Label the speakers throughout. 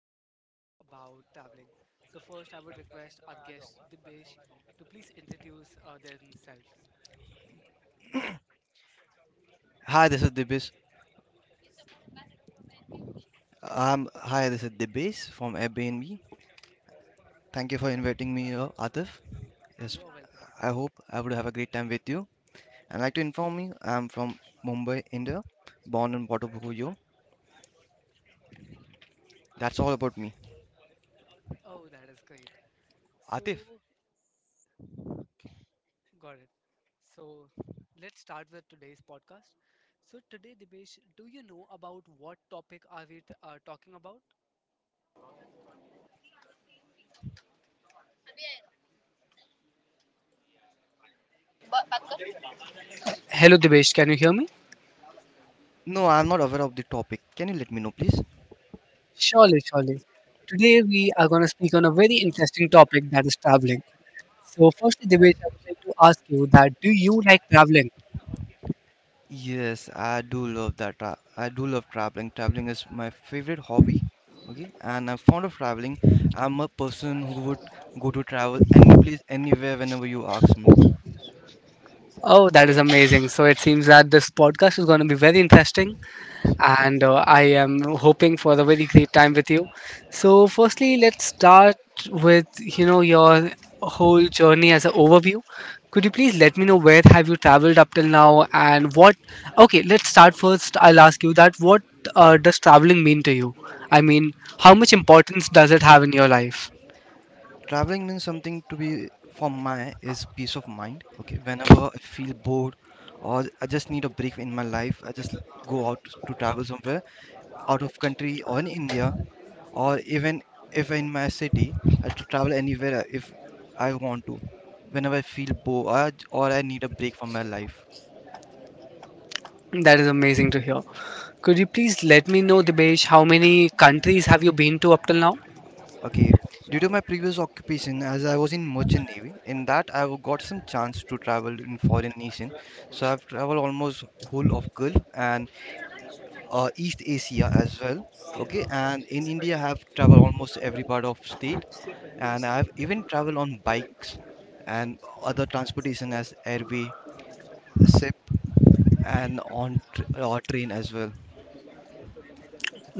Speaker 1: we are going to speak about traveling. So, first, I would request our guest Dibesh to please introduce themselves.
Speaker 2: Hi, this is Dibis. Hi, this is Dibis from Airbnb. Thank you for inviting me here, Atif. Yes,
Speaker 1: You are welcome,
Speaker 2: I
Speaker 1: Dibesh.
Speaker 2: hope I would have a great time with you. I'd like to
Speaker 1: Yes.
Speaker 2: inform you, I'm from Mumbai, India, born and brought up over here. That's all about me.
Speaker 1: Oh, that is great. So,
Speaker 2: Atif?
Speaker 1: got it. So, let's start with today's podcast. So, today, Dibesh, do you know about what topic are we talking about? Hello, Dibesh. Can you hear me?
Speaker 2: No, I'm not aware of the topic. Can you let me know, please?
Speaker 1: Surely, surely. Today we are going to speak on a very interesting topic, that is traveling. So, firstly, Divesh, I would like to ask you that do you like traveling?
Speaker 2: Yes, I do love that. I do love traveling. Traveling is my favorite hobby. Okay, and I'm fond of traveling. I'm a person who would go to travel any place, anywhere, whenever you ask me.
Speaker 1: Oh, that is amazing. So, it seems that this podcast is going to be very interesting, and I am hoping for a very great time with you. So, firstly, let's start with, you know, your whole journey as an overview. Could you please let me know where have you traveled up till now and what? Okay, let's start first. I'll ask you that what does traveling mean to you? I mean, how much importance does it have in your life?
Speaker 2: Traveling means something to be for my is peace of mind. Okay, whenever I feel bored or I just need a break in my life, I just go out to travel somewhere out of country or in India or even if in my city, I to travel anywhere if I want to. Whenever I feel bored or I need a break from my life.
Speaker 1: That is amazing to hear. Could you please let me know, Dibesh, how many countries have you been to up till now?
Speaker 2: Okay, due to my previous occupation, as I was in merchant navy, in that I got some chance to travel in foreign nation. So I've traveled almost whole of Gulf and East Asia as well. Okay, and in India, I have traveled almost every part of state, and I have even traveled on bikes and other transportation as airway, ship, and on tr train as well.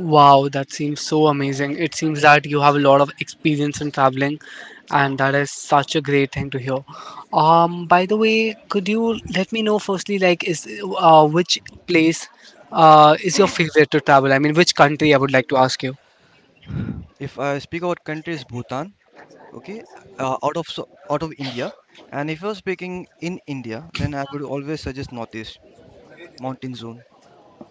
Speaker 1: Wow, that seems so amazing. It seems that you have a lot of experience in traveling, and that is such a great thing to hear. By the way, could you let me know firstly, like, is which place is your favorite to travel? I mean, which country, I would like to ask you.
Speaker 2: If I speak about countries, Bhutan. Okay, out of India, and if you're speaking in India, then I would always suggest Northeast mountain zone.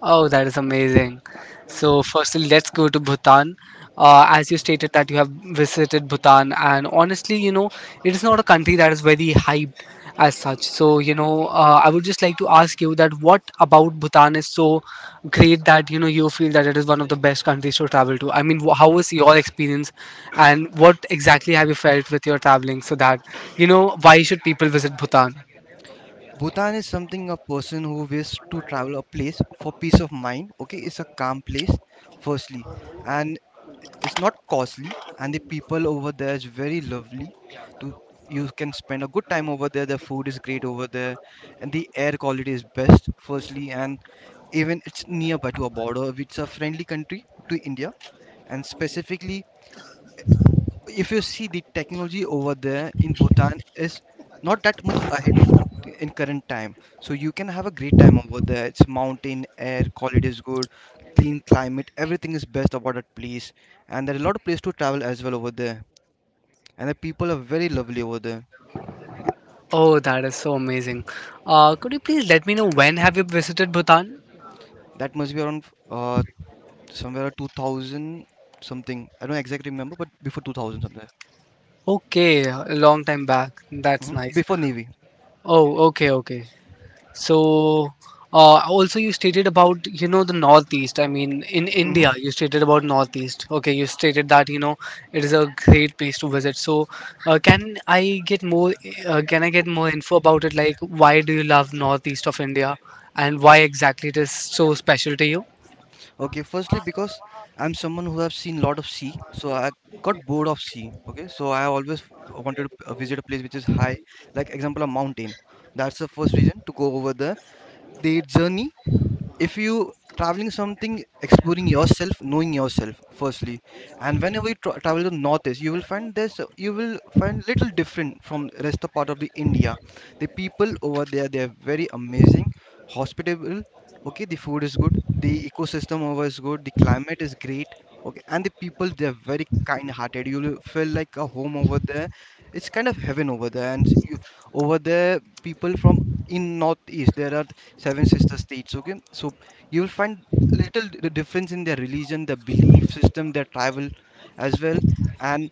Speaker 1: Oh, that is amazing. So, firstly, let's go to Bhutan. As you stated that you have visited Bhutan, and honestly, you know, it is not a country that is very hyped as such. So, you know, I would just like to ask you that what about Bhutan is so great that, you know, you feel that it is one of the best countries to travel to? I mean, how was your experience, and what exactly have you felt with your traveling so that, you know, why should people visit Bhutan?
Speaker 2: Bhutan is something a person who wishes to travel a place for peace of mind. Okay, it's a calm place, firstly, and it's not costly, and the people over there is very lovely. To you can spend a good time over there. The food is great over there, and the air quality is best. Firstly, and even it's nearby to a border. It's a friendly country to India, and specifically if you see the technology over there in Bhutan is not that much ahead in current time. So you can have a great time over there. It's mountain, air quality is good, clean climate, everything is best about that place. And there are a lot of places to travel as well over there. And the people are very lovely over there.
Speaker 1: Oh, that is so amazing. Could you please let me know when have you visited Bhutan?
Speaker 2: That must be around uh, somewhere 2000 something. I don't exactly remember, but before 2000 something.
Speaker 1: Okay, a long time back. That's
Speaker 2: Mhm.
Speaker 1: nice.
Speaker 2: Before Navy.
Speaker 1: Oh, okay, okay. So, also you stated about, you know, the Northeast. I mean, in
Speaker 2: hmm
Speaker 1: India, you stated about Northeast. Okay, you stated that, you know, it is a great place to visit. So, uh, can I get more, can I get more info about it? Like, why do you love Northeast of India and why exactly it is so special to you?
Speaker 2: Okay, firstly, because I'm someone who have seen lot of sea, so I got bored of sea. Okay, so I always wanted to visit a place which is high, like example a mountain. That's the first reason to go over there. The journey, if you traveling something, exploring yourself, knowing yourself firstly, and whenever you travel to northeast, you will find this, you will find little different from rest of part of the India. The people over there, they are very amazing, hospitable. Okay, the food is good, the ecosystem over is good, the climate is great. Okay, and the people, they are very kind hearted. You will feel like a home over there. It's kind of heaven over there. And you over there people from in northeast, there are seven sister states. Okay, so you will find little difference in their religion, the belief system, their travel as well. And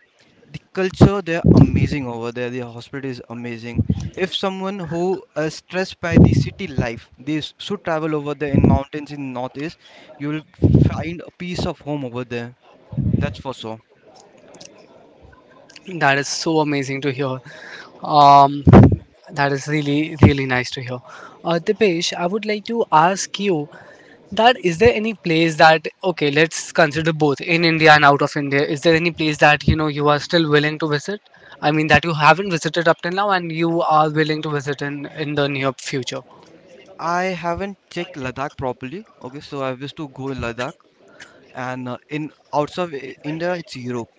Speaker 2: the culture, they're amazing over there. The hospital is amazing. If someone who is stressed by the city life, they should travel over there in mountains in northeast. You will find a piece of home over there. That's for sure.
Speaker 1: That is so amazing to hear. Um, that is really, really nice to hear. Dipesh, I would like to ask you that is there any place that, okay, let's consider both in India and out of India, is there any place that, you know, you are still willing to visit? I mean, that you haven't visited up till now and you are willing to visit in the near future?
Speaker 2: I haven't checked Ladakh properly. Okay, so I wish to go in Ladakh, and in outside India, it's Europe.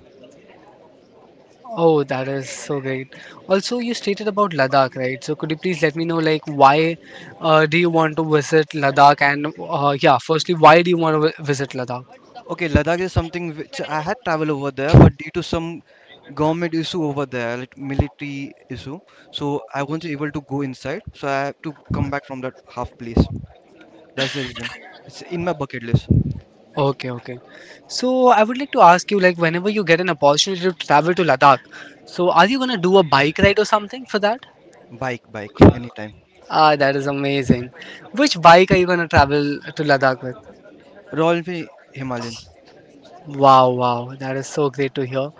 Speaker 1: Oh, that is so great. Also, you stated about Ladakh, right? So, could you please let me know, like, why do you want to visit Ladakh? And yeah, firstly, why do you want to visit Ladakh?
Speaker 2: Okay, Ladakh is something which I had traveled over there, but due to some government issue over there, like military issue, so I wasn't able to go inside. So I have to come back from that half place. That's the reason. It's in my bucket list.
Speaker 1: Okay, okay. So, I would like to ask you, like, whenever you get an opportunity to travel to Ladakh, so are you gonna do a bike ride or something for that?
Speaker 2: Bike, bike, anytime.
Speaker 1: Ah, that is amazing. Which bike are you gonna travel to Ladakh with?
Speaker 2: Royal Enfield Himalayan.
Speaker 1: Wow, wow, that is so great to hear.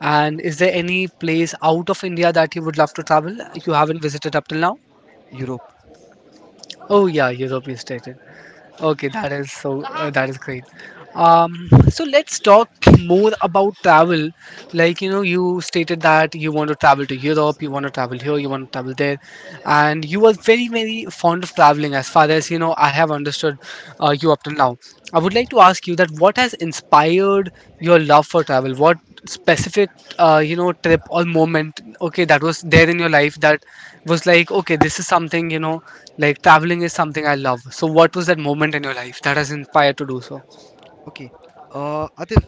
Speaker 1: And is there any place out of India that you would love to travel? You haven't visited up till now?
Speaker 2: Europe.
Speaker 1: Oh yeah, Europe you stated. Okay, that is so that is great. um so let's talk more about travel. Like, you know, you stated that you want to travel to Europe, you want to travel here, you want to travel there, and you are very, very fond of traveling as far as, you know, I have understood, you up till now. I would like to ask you that what has inspired your love for travel? What specific, you know, trip or moment, okay, that was there in your life that was like, okay, this is something, you know, like traveling is something I love. So what was that moment in your life that has inspired to do so?
Speaker 2: Okay. Atif,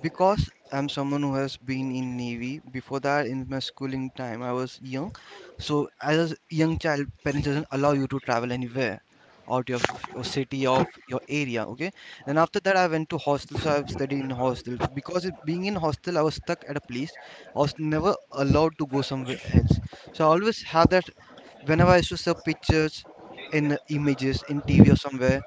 Speaker 2: because I'm someone who has been in Navy. Before that, in my schooling time, I was young. So as a young child, parents doesn't allow you to travel anywhere out of your city of your area, okay. Then after that, I went to hostel, so I've studied in hostel because it, being in hostel, I was stuck at a place. I was never allowed to go somewhere else. So I always have that. Whenever I used to see pictures in images in TV or somewhere,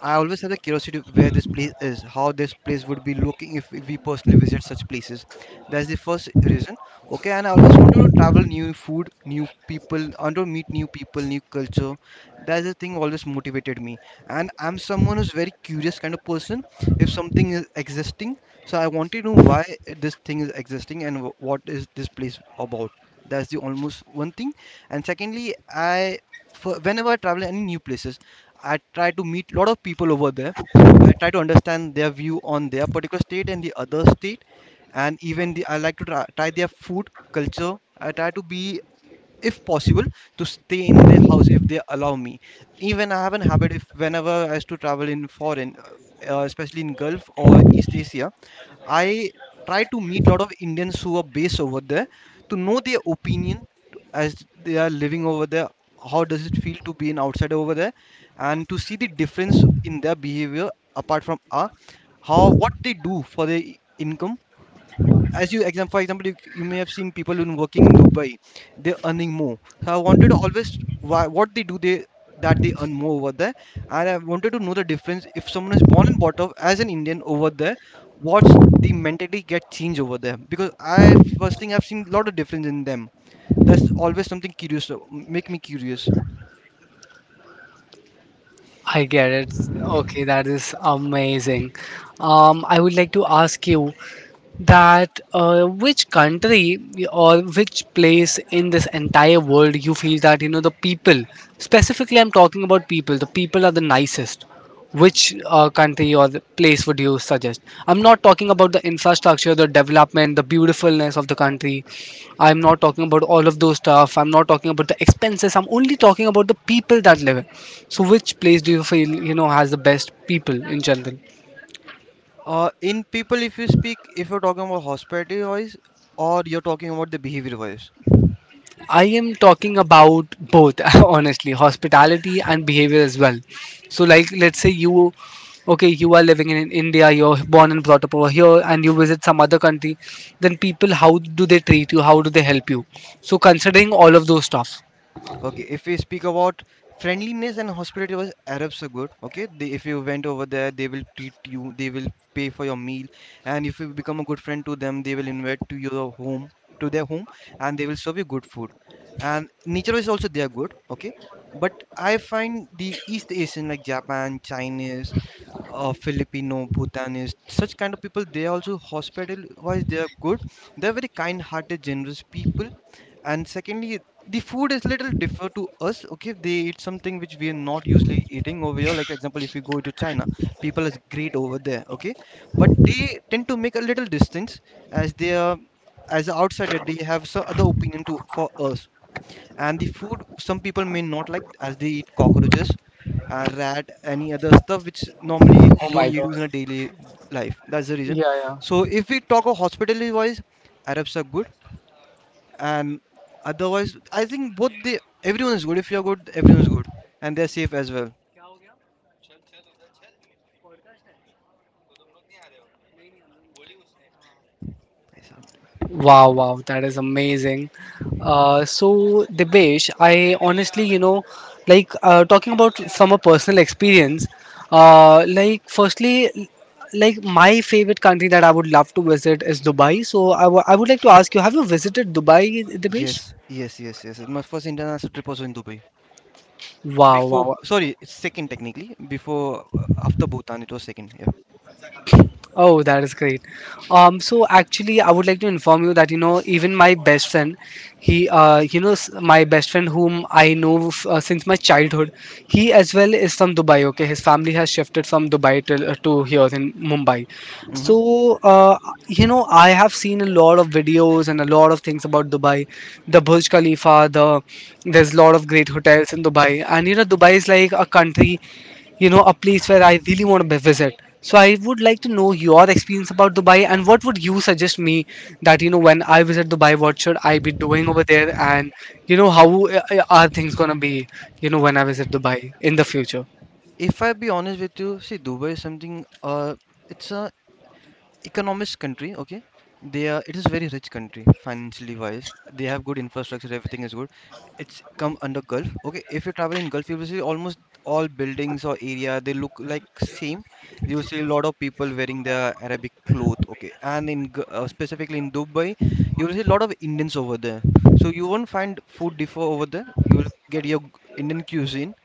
Speaker 2: I always have the curiosity where this place is, how this place would be looking if we personally visit such places. That's the first reason. Okay, and I always wanted to travel new food, new people, and to meet new people, new culture. That's the thing always motivated me. And I'm someone who's very curious kind of person. If something is existing, so I want to know why this thing is existing and what is this place about. That's the almost one thing. And secondly, I for whenever I travel any new places, I try to meet a lot of people over there. I try to understand their view on their particular state and the other state, and even the I like to try their food culture. I try to be, if possible, to stay in their house if they allow me. Even I have an habit if whenever I used to travel in foreign, especially in Gulf or East Asia, I try to meet a lot of Indians who are based over there to know their opinion as they are living over there. How does it feel to be an outsider over there, and to see the difference in their behavior apart from our, how what they do for their income. As you example, for example, you may have seen people who working in Dubai, they're earning more. So I wanted to always why what they do, they, that they earn more over there. And I wanted to know the difference if someone is born and brought up as an Indian over there, what's the mentality get changed over there. Because I first thing, I've seen a lot of difference in them. That's always something curious, make me curious.
Speaker 1: I get it. Okay, that is amazing. I would like to ask you that which country or which place in this entire world you feel that, you know, the people, specifically I'm talking about people, the people are the nicest? Which country or the place would you suggest? I'm not talking about the infrastructure, the development, the beautifulness of the country. I'm not talking about all of those stuff. I'm not talking about the expenses. I'm only talking about the people that live in. So, which place do you feel, you know, has the best people in general?
Speaker 2: In people, if you speak, if you're talking about hospitality wise, or you're talking about the behavior wise?
Speaker 1: I am talking about both, honestly, hospitality and behavior as well. So, like, let's say you, okay, you are living in India, you're born and brought up over here, and you visit some other country, then people, how do they treat you? How do they help you? So, considering all of those stuff.
Speaker 2: Okay, if we speak about friendliness and hospitality was Arabs are good. Okay, they, if you went over there, they will treat you, they will pay for your meal, and if you become a good friend to them, they will invite to your home, to their home, and they will serve you good food. And nature is also they are good. Okay, but I find the East Asian like Japan, Chinese, Filipino, Bhutanese, such kind of people, they also hospital wise they are good. They're very kind hearted, generous people. And secondly, the food is little differ to us. Okay, they eat something which we are not usually eating over here. Like example, if you go to China, people is great over there. Okay, but they tend to make a little distance as they are, as outsider they have some other opinion to for us, and the food some people may not like as they eat cockroaches, rat, any other stuff which normally we
Speaker 1: Oh
Speaker 2: don't
Speaker 1: my god.
Speaker 2: use in a daily life. That's the reason.
Speaker 1: Yeah, yeah.
Speaker 2: So if we talk of hospitality wise, Arabs are good. And otherwise, I think both they, everyone is good. If you are good, everyone is good. And they're safe as well.
Speaker 1: Wow, wow, that is amazing. So, Dibesh, I honestly, you know, like talking about from a personal experience, like, firstly, like my favorite country that I would love to visit is Dubai. So, I would like to ask you, have you visited Dubai,
Speaker 2: Yes,
Speaker 1: Dibesh?
Speaker 2: yes, yes, yes, my first international trip was in Dubai.
Speaker 1: Wow,
Speaker 2: Before,
Speaker 1: wow.
Speaker 2: sorry, it's second technically. Before, after Bhutan, it was second. Yeah.
Speaker 1: Oh, that is great. So actually, I would like to inform you that, you know, even my best friend, he you know, my best friend whom I know since my childhood, he as well is from Dubai. Okay, his family has shifted from Dubai to here in Mumbai.
Speaker 2: hmm
Speaker 1: So you know, I have seen a lot of videos and a lot of things about Dubai, the Burj Khalifa, the there's a lot of great hotels in Dubai, and you know Dubai is like a country, you know, a place where I really want to visit. So I would like to know your experience about Dubai and what would you suggest me that, you know, when I visit Dubai, what should I be doing over there and, you know, how are things going to be, you know, when I visit Dubai in the future?
Speaker 2: If I be honest with you, see Dubai is something it's a economist country, okay? They are it is very rich country financially wise. They have good infrastructure, everything is good. It's come under Gulf. Okay, if you travel in Gulf, you will see almost all buildings or area they look like same. You will see a lot of people wearing their Arabic cloth, okay? And in specifically in Dubai, you will see a lot of Indians over there. So you won't find food differ over there. You will get your Indian cuisine.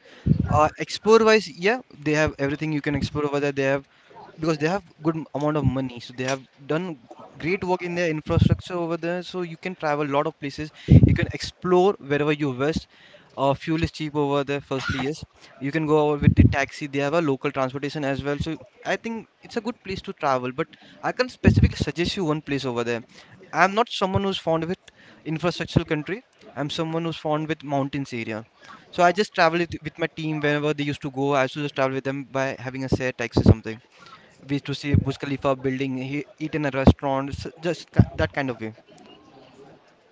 Speaker 2: Explore wise, yeah, they have everything you can explore over there. They have because they have good amount of money, so they have done great work in their infrastructure over there. So you can travel a lot of places. You can explore wherever you wish. Fuel is cheap over there. Firstly, yes, you can go over with the taxi. They have a local transportation as well. So I think it's a good place to travel. But I can specifically suggest you one place over there. I'm not someone who's fond with infrastructural country. I'm someone who's fond with mountains area, so I just travel with my team whenever they used to go. I used to just travel with them by having a share taxi or something. We used to see Burj Khalifa building, he, eat in a restaurant, just that kind of way.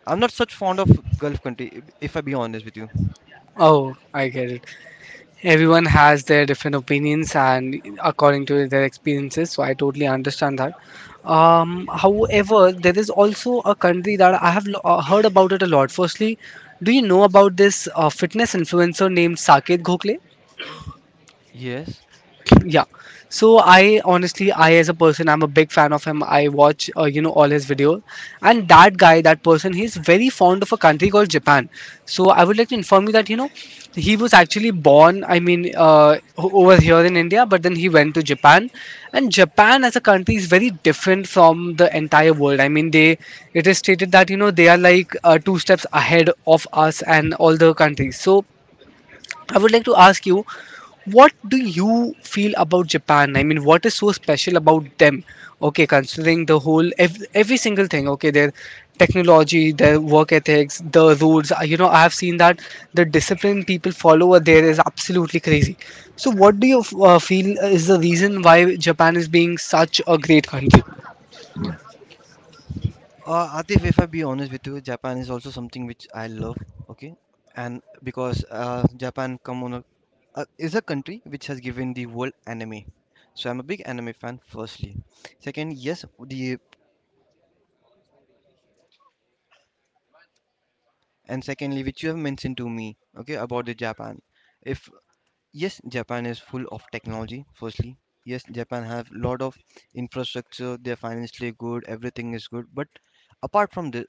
Speaker 2: I'm not such fond of Gulf country, if I be honest with you.
Speaker 1: Oh, I get it. Everyone has their different opinions and according to their experiences, so I totally understand that. However, there is also a country that I have heard about it a lot. Firstly, do you know about this fitness influencer named Saket Gokhale?
Speaker 2: Yes.
Speaker 1: Yeah. So I honestly, I as a person, I'm a big fan of him. I watch, you know, all his video, and that guy, that person, he's very fond of a country called Japan. So I would like to inform you that, you know, he was actually born, I mean, over here in India, but then he went to Japan. And Japan as a country is very different from the entire world. I mean, they, it is stated that, you know, they are like two steps ahead of us and all the countries. So I would like to ask you, what do you feel about Japan? I mean, what is so special about them? Okay, considering the whole every single thing. Okay, their technology, their work ethics, the roads. You know, I have seen that the discipline people follow over there is absolutely crazy. So, what do you feel is the reason why Japan is being such a great country?
Speaker 2: Atif, if I be honest with you, Japan is also something which I love. Okay, and because Japan come on a, is a country which has given the world anime, so I'm a big anime fan. Firstly, second, yes, the and secondly which you have mentioned to me, okay, about the Japan, if yes, Japan is full of technology. Firstly, yes, Japan have lot of infrastructure, they're financially good, everything is good, but apart from this,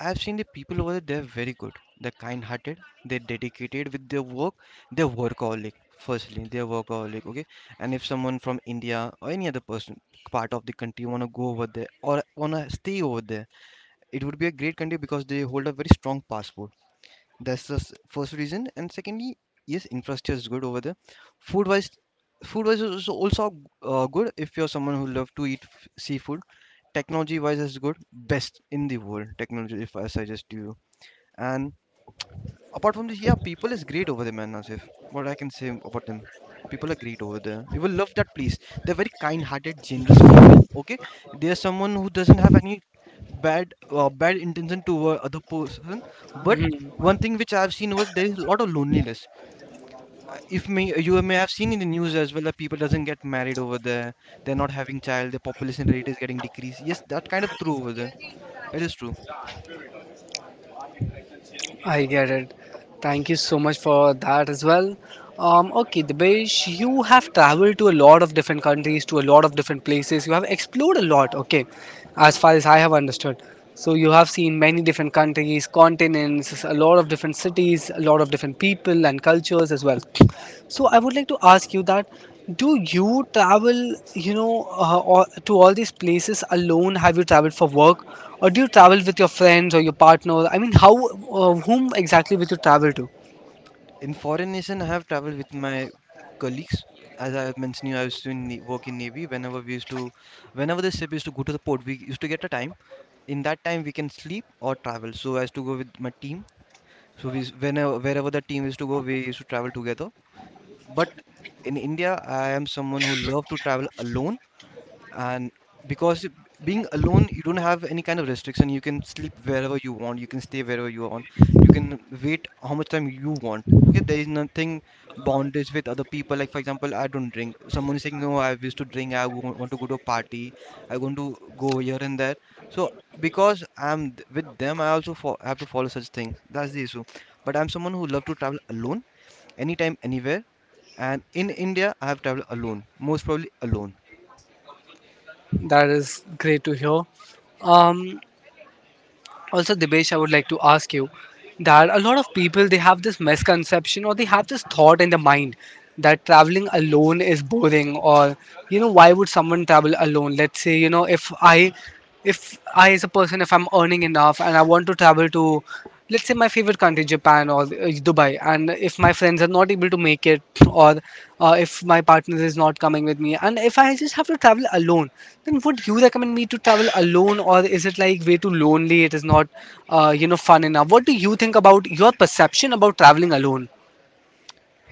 Speaker 2: I've seen the people over there, they're very good, they're kind hearted, they're dedicated with their work, they're workaholic. Firstly, they're workaholic, okay, and if someone from India or any other person part of the country want to go over there or want to stay over there, it would be a great country because they hold a very strong passport. That's the first reason. And secondly, yes, infrastructure is good over there. Food wise, food wise is also good if you're someone who love to eat seafood. Technology wise is good, best in the world. Technology, if I suggest to you, and apart from this, yeah, people is great over there, man. Asif, what I can say about them, people are great over there. You will love that place. They're very kind-hearted, generous people. Okay, they are someone who doesn't have any bad intention toward other person. But
Speaker 1: Hmm.
Speaker 2: one thing which I've seen was there is a lot of loneliness. If may You may have seen in the news as well that people doesn't get married over there. They're not having child. The population rate is getting decreased. Yes, that kind of true over there. It is true.
Speaker 1: I get it. Thank you so much for that as well. Okay, Dibesh, you have traveled to a lot of different countries, to a lot of different places. You have explored a lot, okay, as far as I have understood. So, you have seen many different countries, continents, a lot of different cities, a lot of different people and cultures as well. So, I would like to ask you that do you travel, you know, or to all these places alone? Have you traveled for work, or do you travel with your friends or your partner? I mean, how, whom exactly will you travel to?
Speaker 2: In foreign nation, I have traveled with my colleagues. As I have mentioned, you I used to work in navy. Whenever the ship used to go to the port, we used to get a time. In that time, we can sleep or travel. So I used to go with my team. So whenever wherever the team used to go, we used to travel together. But in India, I am someone who love to travel alone, and because being alone, you don't have any kind of restriction. You can sleep wherever you want, you can stay wherever you want, you can wait how much time you want, okay, there is nothing bondage with other people. Like for example, I don't drink, someone is saying no, I used to drink, I want to go to a party, I want to go here and there. So because I'm with them, I also have to follow such things, that's the issue. But I'm someone who love to travel alone, anytime, anywhere, and in India I have traveled alone, most probably alone.
Speaker 1: That is great to hear. Um, Also, Dibesh, I would like to ask you that a lot of people, they have this misconception, or they have this thought in their mind that traveling alone is boring, or you know, why would someone travel alone? Let's say, you know, if I as a person, if I'm earning enough and I want to travel to, let's say, my favorite country, Japan, or Dubai, and if my friends are not able to make it, or if my partner is not coming with me and if I just have to travel alone, then would you recommend me to travel alone, or is it like way too lonely, it is not you know, fun enough? What do you think about your perception about traveling alone?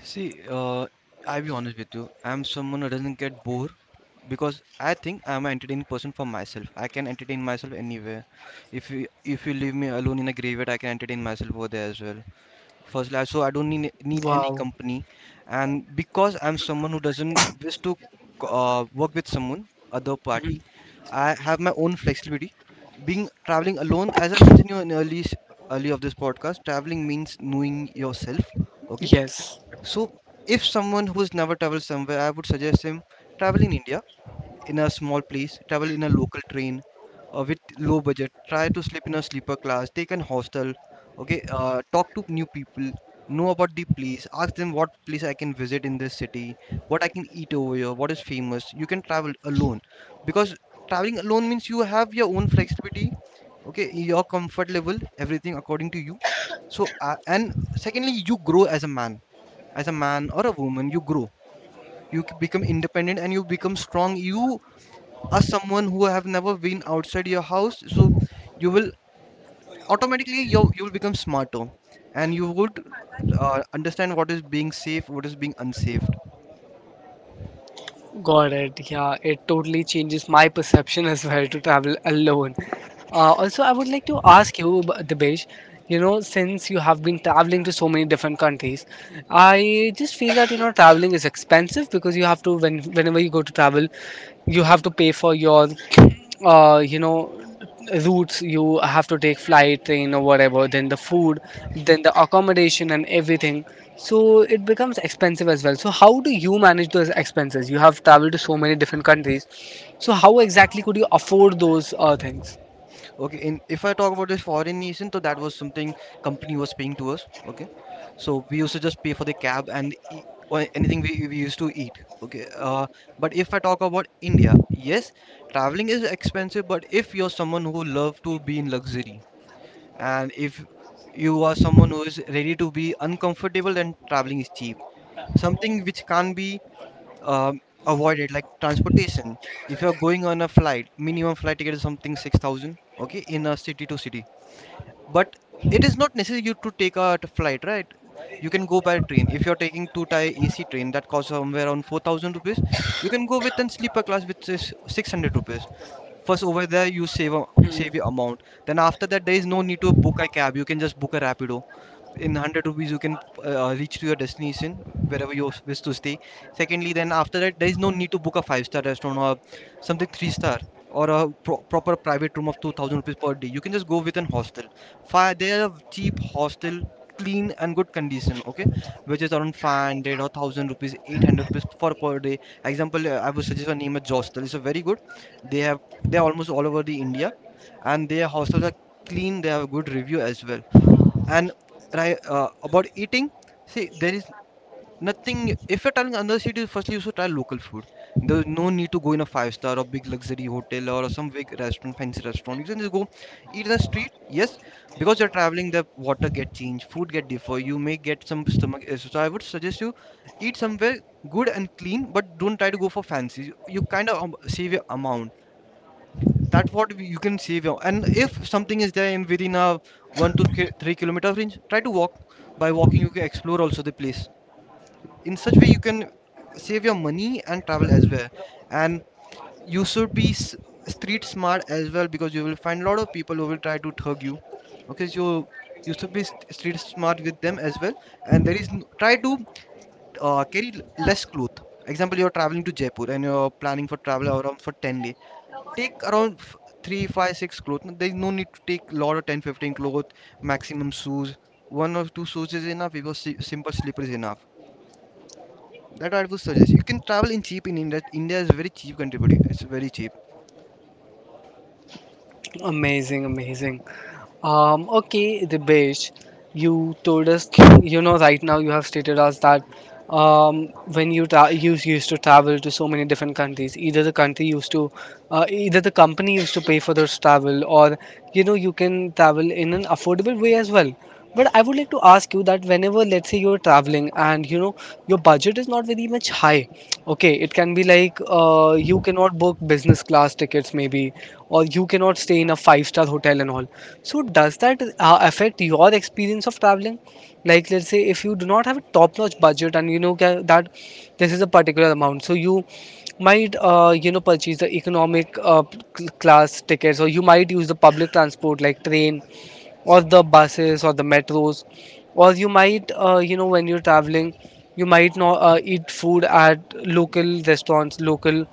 Speaker 2: See, I'll be honest with you. I'm someone who doesn't get bored because I think I'm an entertaining person for myself. I can entertain myself anywhere. If you leave me alone in a graveyard, I can entertain myself over there as well. Firstly, so I don't need any
Speaker 1: Wow.
Speaker 2: company, and because I'm someone who doesn't wish to work with someone other
Speaker 1: Mhm.
Speaker 2: party, I have my own flexibility. Being traveling alone, as I mentioned you in early of this podcast, traveling means knowing yourself. Okay,
Speaker 1: Yes.
Speaker 2: so if someone who's never traveled somewhere, I would suggest him travel in India in a small place, travel in a local train with low budget, try to sleep in a sleeper class, take an hostel, okay, talk to new people, know about the place, ask them what place I can visit in this city, what I can eat over here, what is famous. You can travel alone because traveling alone means you have your own flexibility, okay, your comfort level, everything according to you. So, and secondly, you grow as a man or a woman, you grow, you become independent and you become strong. You are someone who have never been outside your house, so you will automatically, you will become smarter, and you would understand what is being safe, what is being unsafe.
Speaker 1: Got it. Yeah, it totally changes my perception as well, to travel alone. Also, I would like to ask you, Dibesh, you know, since you have been traveling to so many different countries, I just feel that, you know, traveling is expensive because you have to, when, whenever you go to travel, you have to pay for your, you know, routes. You have to take flight, train, or whatever, then the food, then the accommodation, and everything. So it becomes expensive as well. So how do you manage those expenses? You have traveled to so many different countries. So how exactly could you afford those things?
Speaker 2: Okay, in if I talk about the foreign nation, so that was something company was paying to us. Okay, so we used to just pay for the cab and e or anything we used to eat. Okay, but if I talk about India, yes, traveling is expensive. But if you're someone who love to be in luxury, and if you are someone who is ready to be uncomfortable, then traveling is cheap. Something which can't be um, avoided, like transportation. If you're going on a flight, minimum flight ticket is something 6,000. Okay, in a city to city, but it is not necessary you to take a flight, right? You can go by train. If you're taking two tier AC train, that costs somewhere around 4000 rupees. You can go with a sleeper class, which is 600 rupees. First, over there you save a, save your
Speaker 1: Mm.
Speaker 2: amount. Then after that, there is no need to book a cab, you can just book a rapido. In 100 rupees you can reach to your destination wherever you wish to stay. Secondly, then after that, there is no need to book a five-star restaurant or something three star, or a proper private room of 2000 rupees per day. You can just go with an hostel. Fi There are cheap hostel, clean and good condition, okay, which is around 500 or 1000 rupees, 800 rupees for per day. Example, I would suggest a name a hostel, it's a very good, they have, they're almost all over the India, and their hostels are clean, they have a good review as well. And right, about eating, see, there is nothing, if you're traveling another city, firstly you should try local food. There's no need to go in a five star or big luxury hotel or some big restaurant, fancy restaurant. You can just go eat in the street. Yes, because you're traveling, the water get changed, food get differ, you may get some stomach issues. So I would suggest you eat somewhere good and clean, but don't try to go for fancy. You kind of save your amount, that's what you can save your. And if something is there in within a 3 kilometer range, try to walk. By walking, you can explore also the place. In such way, you can save your money and travel as well. And you should be street smart as well because you will find a lot of people who will try to thug you. Okay, so you should be street smart with them as well. And there is try to carry less cloth. Example, you're traveling to Jaipur and you're planning for travel around for 10 days, take around 3 five, six clothes. No, there's no need to take lot of 10, 15 clothes maximum. Shoes, one or two shoes is enough, because simple slipper is enough. That I would suggest, you can travel in cheap in India. India is very cheap country, buddy, it's very cheap.
Speaker 1: Amazing, amazing. Okay, Dibesh, you told us, you know, right now you have stated us that um, when you you used to travel to so many different countries, either the country used to, either the company used to pay for those travel, or you know, you can travel in an affordable way as well. But I would like to ask you that whenever, let's say, you're traveling and you know your budget is not very much high, okay, it can be like you cannot book business class tickets, maybe, or you cannot stay in a five-star hotel and all. So does that affect your experience of traveling? Like, let's say, if you do not have a top notch budget and you know that this is a particular amount, so you might you know, purchase the economic class tickets, or you might use the public transport like train or the buses or the metros, or you might you know, when you're traveling you might not eat food at local restaurants, local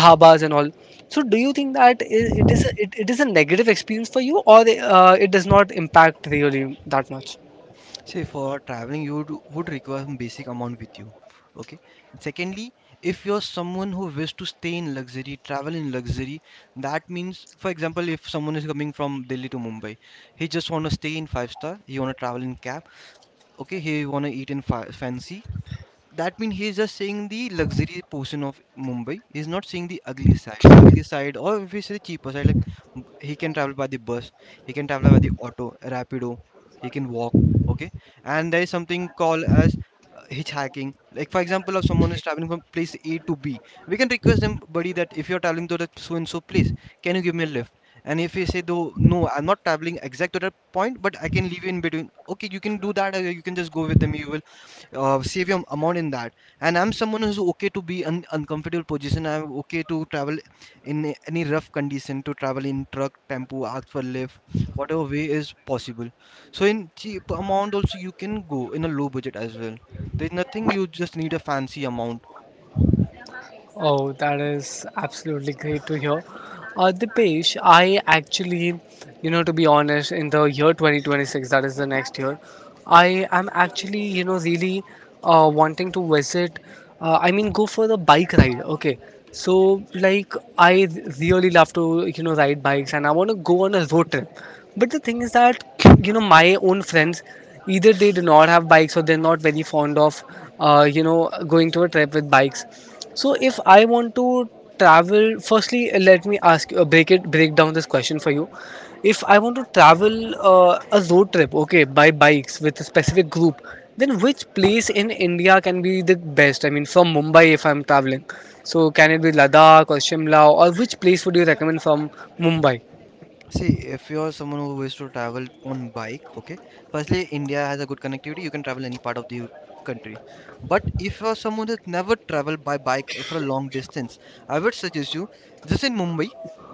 Speaker 1: dhabas and all. So do you think that it is a, it is a negative experience for you, or it does not impact really that much?
Speaker 2: See, for traveling you would require some basic amount with you, okay? And secondly, if you're someone who wishes to stay in luxury, travel in luxury, that means for example, if someone is coming from Delhi to Mumbai, he just want to stay in five star, he want to travel in cab, okay, here you want to eat in fancy, that means he's just seeing the luxury portion of Mumbai. He's not seeing the ugly side, or if you say the cheaper side, like he can travel by the bus, he can travel by the auto, rapido, he can walk. Okay, and there is something called as hitchhiking. Like for example, if someone is traveling from place A to B, we can request them, buddy, that if you're traveling to that so and so place, can you give me a lift? And if you say though, no, I'm not traveling exact to that point, but I can leave you in between. Okay, you can do that. Or you can just go with me. You will save your amount in that, and I'm someone who's okay to be in uncomfortable position. I'm okay to travel in any rough condition, to travel in truck, tempo, ask for lift, whatever way is possible. So in cheap amount also you can go, in a low budget as well. There's nothing, you just need a fancy amount.
Speaker 1: Oh, that is absolutely great to hear. Dipesh, I actually, you know, to be honest, in the year 2026, that is the next year, I am actually, you know, really wanting to visit, I mean, go for the bike ride. Okay. So, like, I really love to, you know, ride bikes and I want to go on a road trip. But the thing is that, you know, my own friends, either they do not have bikes or they're not very fond of, you know, going to a trip with bikes. So if I want to travel, firstly, let me ask you, break down this question for you. If I want to travel a road trip, okay, by bikes with a specific group, then which place in India can be the best? I mean, from Mumbai, if I'm traveling, so can it be Ladakh or Shimla, or which place would you recommend from Mumbai?
Speaker 2: See, if you're someone who wishes to travel on bike, okay, firstly, India has a good connectivity. You can travel any part of the country. But if you're someone who's never traveled by bike or for a long distance, I would suggest you just in Mumbai,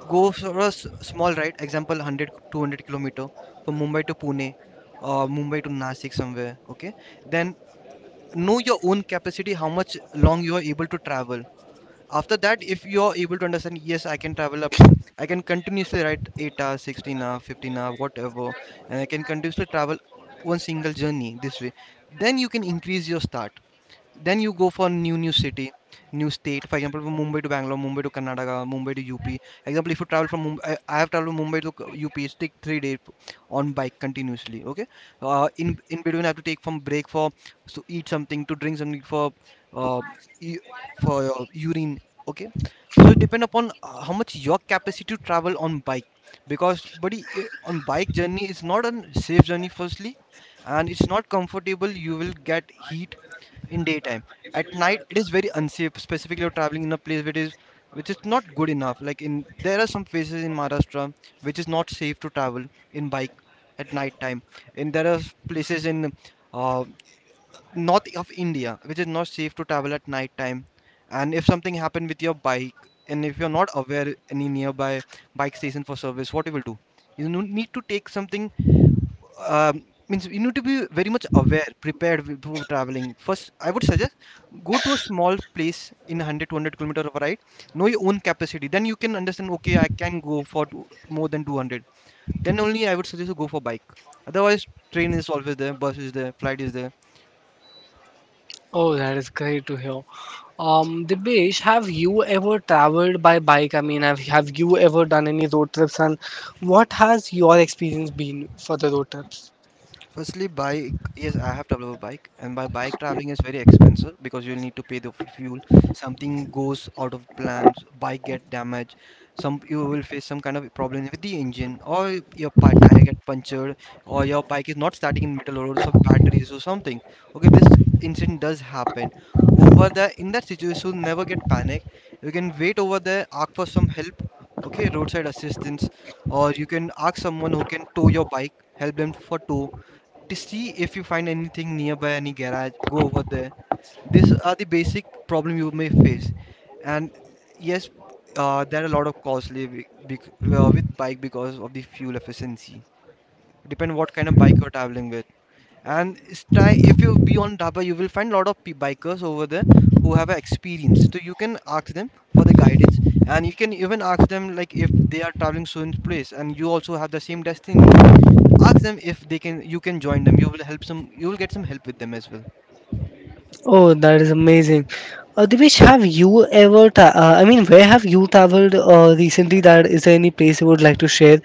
Speaker 2: go for a small ride, example 100 200-kilometer from Mumbai to Pune or Mumbai to Nasik somewhere, okay? Then know your own capacity, how much long you are able to travel. After that, if you are able to understand, yes, I can travel up to, I can continuously write 8 hours, 16 hours, 15 hours, whatever, and I can continuously travel one single journey this way, then you can increase your start. Then you go for new city, new state, for example from Mumbai to Bangalore, Mumbai to Karnataka, Mumbai to UP. Example, if you travel from Mumbai, I have traveled from Mumbai to UP, take 3 days on bike continuously, okay. In between I have to take from break for, so eat something, to drink something, for uh, e- for urine, okay. So it depend upon how much your capacity to travel on bike, because buddy, on bike journey is not a safe journey firstly, and it's not comfortable. You will get heat in daytime. At night it is very unsafe, specifically you're traveling in a place which is, which is not good enough. Like in, there are some places in Maharashtra which is not safe to travel in bike at night time. And there are places in uh, north of India which is not safe to travel at night time. And if something happened with your bike and if you're not aware any nearby bike station for service, what you will do? You need to take something. um, Means you need to be very much aware, prepared before traveling. First I would suggest, go to a small place in 100 200 kilometer of a ride, know your own capacity, then you can understand, okay, I can go for two, more than 200. Then only I would suggest to go for bike. Otherwise train is always there, bus is there, flight is there.
Speaker 1: Oh, that is great to hear. Dibesh, have you ever traveled by bike? I mean, have you ever done any road trips? And what has your experience been for the road trips?
Speaker 2: Firstly, bike. Yes, I have traveled a bike, and by bike traveling is very expensive because you'll need to pay the fuel. Something goes out of plan, bike get damaged. Some you will face some kind of problem with the engine, or your tire get punctured, or your bike is not starting in middle road, some batteries or something. Okay, this incident does happen. Over there, in that situation, you never get panic. You can wait over there, ask for some help. Okay, roadside assistance, or you can ask someone who can tow your bike, help them for tow. To see if you find anything nearby any garage, go over there. These are the basic problem you may face. And yes, there are a lot of costly with bike because of the fuel efficiency, depend what kind of bike you're traveling with. And try, if you be on Daba, you will find a lot of bikers over there who have a experience, so you can ask them for the guidance. And you can even ask them like, if they are traveling soon place and you also have the same destiny, ask them if they can, you can join them. You will help some, you will get some help with them as well.
Speaker 1: Oh, that is amazing. Dibesh, have you ever, I mean, where have you traveled recently? That is, there any place you would like to share?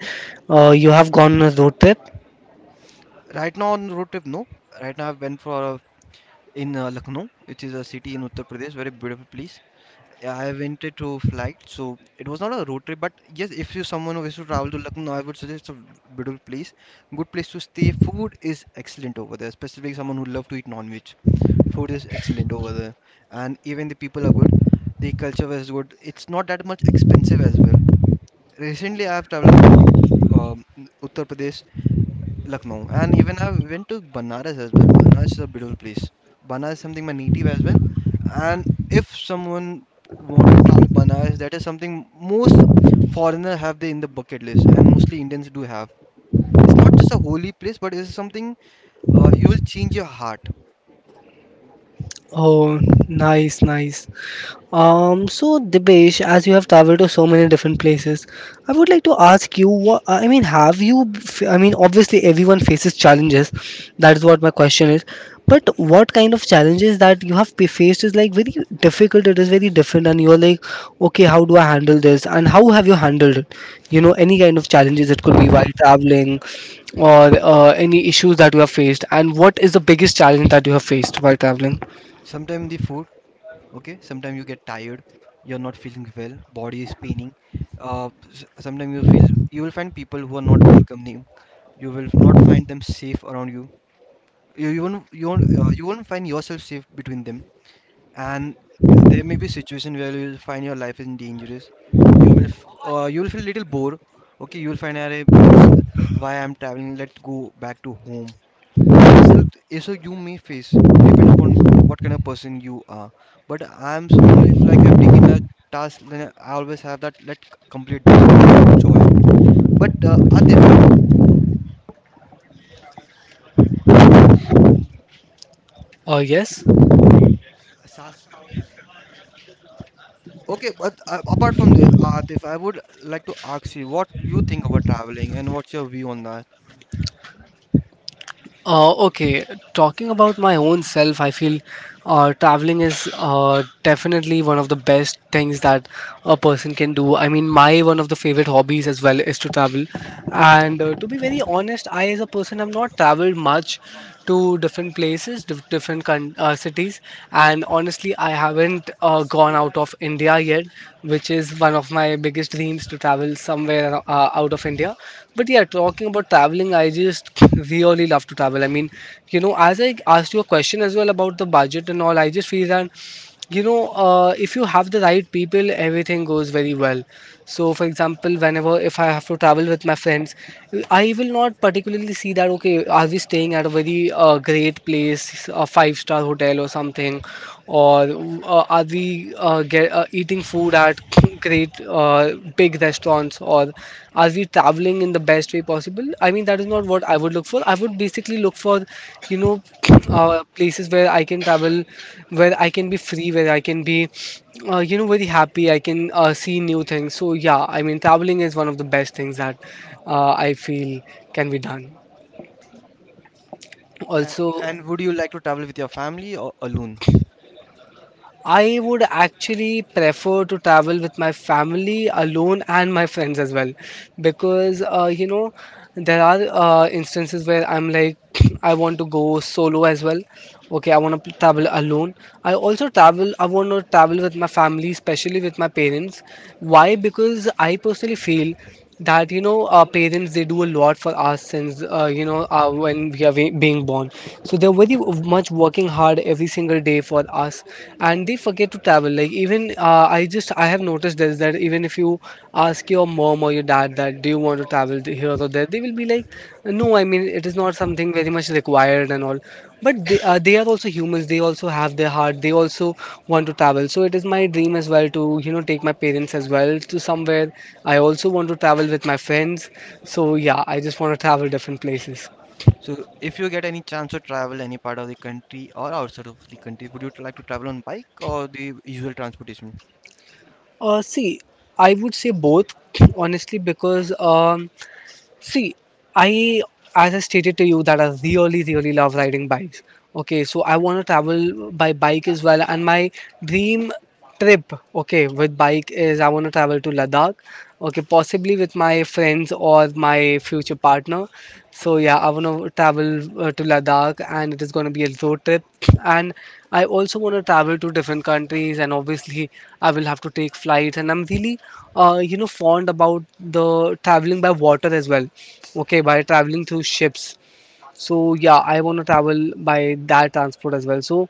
Speaker 1: You have gone on a road trip?
Speaker 2: Right now on road trip, no. Right now I've been for a, in Lucknow, which is a city in Uttar Pradesh, very beautiful place. Yeah, I went it to flight, so it was not a road trip. But yes, if you someone who wishes to travel to Lucknow, I would suggest, a beautiful place, good place to stay, food is excellent over there, especially someone who love to eat non-veg, food is excellent over there. And even the people are good, the culture was good, it's not that much expensive as well. Recently I have traveled to um, Uttar Pradesh, Lucknow, and even I went to Banaras as well. Banaras is a beautiful place. Banaras is something my native as well, and if someone want to travel Banaras, that is something most foreigner have they in the bucket list, and mostly Indians do have. It's not just a holy place, but it's something, you will change your heart.
Speaker 1: Oh, nice, nice. So Dibesh, as you have traveled to so many different places, I would like to ask you, what I mean, have you, I mean, obviously everyone faces challenges, that is what my question is. But what kind of challenges that you have faced is like very difficult, it is very different, and you're like, okay, how do I handle this? And how have you handled it? You know, any kind of challenges, it could be while traveling or any issues that you have faced, and what is the biggest challenge that you have faced while traveling?
Speaker 2: Sometimes the food, okay, sometimes you get tired, you're not feeling well, body is paining, uh sometimes you feel, you will find people who are not welcoming, you will not find them safe around you. You won't find yourself safe between them. And there may be situation where you will find your life is dangerous. You will you will feel little bored. Okay, you will find, "Arey, means why I'm traveling, let's go back to home." The self issue you may face, depend upon what kind of person you are. But I am someone, if like I've taken a task, then I always have that, let complete this with full joy. But Atif.
Speaker 1: Yes.
Speaker 2: Saska. Okay, but apart from this, Atif, I would like to ask you, what you think about traveling and what's your view on that?
Speaker 1: Okay, talking about my own self, I feel traveling is definitely one of the best things that a person can do. I mean, my one of the favorite hobbies as well is to travel. And to be very honest, I as a person have not traveled much to different places, different coun cities. And honestly, I haven't gone out of India yet, which is one of my biggest dreams, to travel somewhere out of India. But yeah, talking about traveling, I just really love to travel. I mean, you know, as I asked you a question as well about the budget and all, I just feel that, you know, if you have the right people, everything goes very well. So for example, whenever, if I have to travel with my friends, I will not particularly see that, okay, are we staying at a very great place, a five-star hotel or something, or are we eating food at great big big restaurants, or are we traveling in the best way possible? I mean, that is not what I would look for. I would basically look for, you know, places where I can travel, where I can be free, where I can be, you know, very happy. I can see new things. So, yeah, I mean, traveling is one of the best things that I feel can be done.
Speaker 2: A-
Speaker 1: Also,
Speaker 2: and would you like to travel with your family or alone?
Speaker 1: I would actually prefer to travel with my family alone and my friends as well, because you know, there are instances where I'm like, I want to go solo as well. Okay, I want to travel alone. I want to travel with my family, especially with my parents. Why? Because I personally feel that, you know, our parents, they do a lot for us since, you know, when being born, so they're very much working hard every single day for us. And they forget to travel. Like, even I just I have noticed this, that even if you ask your mom or your dad that do you want to travel to here or there, they will be like, no, I mean, it is not something very much required and all. But they are also humans. They also have their heart. They also want to travel. So it is my dream as well to, you know, take my parents as well to somewhere. I also want to travel with my friends. So yeah, I just want to travel different places.
Speaker 2: So if you get any chance to travel any part of the country or outside of the country, would you like to travel on bike or the usual transportation?
Speaker 1: See, I would say both, honestly, because see, I, as I stated to you, that I really, really love riding bikes. Okay, so I want to travel by bike as well. And my dream trip, okay, with bike, is I want to travel to Ladakh, okay, possibly with my friends or my future partner. So, yeah, I want to travel to Ladakh, and it is going to be a road trip. And I also want to travel to different countries, and obviously, I will have to take flights. And I'm really you know, fond about the traveling by water as well, okay, by traveling through ships. So yeah, I want to travel by that transport as well. So,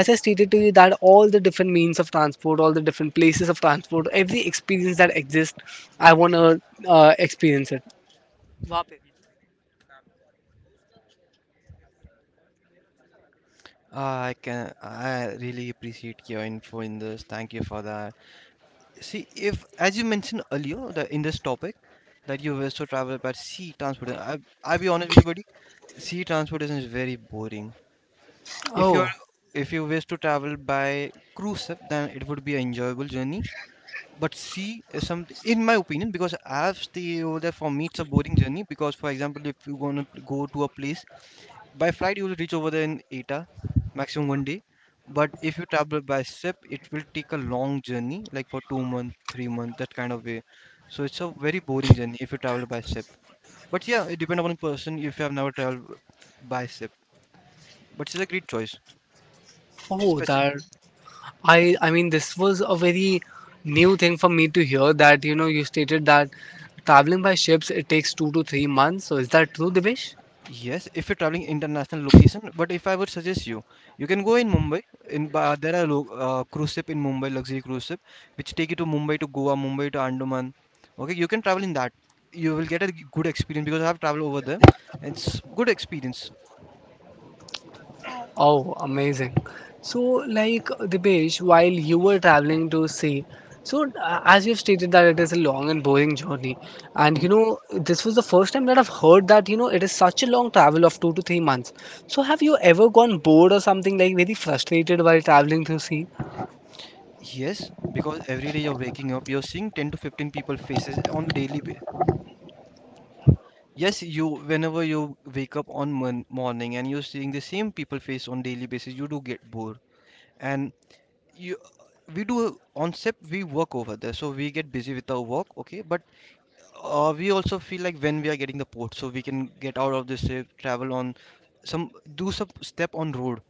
Speaker 1: as I stated to you, that all the different means of transport, all the different places of transport, every experience that exists, I want to experience it. Vape.
Speaker 2: Ah, I can, I really appreciate your info in this. Thank you for that. See, if as you mentioned earlier that in this topic, that you wish to travel by sea transportation, I'll be honest with you, buddy. Sea transportation is very boring. If you're,
Speaker 1: Oh.
Speaker 2: if you wish to travel by cruise ship, then it would be an enjoyable journey. But sea is something, in my opinion, because I've stayed over there. For me, it's a boring journey because, for example, if you're gonna go to a place by flight, you will reach over there in 8-hour, maximum one day. But if you travel by ship, it will take a long journey, like for 2 month, 3 month, that kind of way. So it's a very boring journey if you travel by ship. But yeah, it depends upon person if you have never traveled by ship. But it's a great choice,
Speaker 1: Oh,
Speaker 2: especially.
Speaker 1: that, I mean, this was a very new thing for me to hear, that you know, you stated that traveling by ships, it takes 2 to 3 months. So is that true, Divesh?
Speaker 2: Yes, if you're traveling international location, but if I would suggest you, you can go in Mumbai. In there are cruise ship in Mumbai, luxury cruise ship, which take you to Mumbai to Goa, Mumbai to Andaman. Okay, you can travel in that. You will get a good experience because I have traveled over there. It's good experience.
Speaker 1: Oh, amazing. So, like, Dipesh, while you were traveling to sea, so as you've stated that it is a long and boring journey, and
Speaker 2: Mhm.
Speaker 1: you know, this was the first time that I've heard that, you know, it is such a long travel of 2 to 3 months. So, have you ever gone bored or something, like, very frustrated while traveling to sea?
Speaker 2: Yes, because every day you're waking up, you're seeing 10 to 15 people faces on daily basis. Yes, you, whenever you wake up on mon morning and you're seeing the same people face on daily basis, you do get bored. And you we do on SIP, we work over there, so we get busy with our work, okay. But we also feel like when we are getting the port, so we can get out of this SIP, travel on some, do some step on road.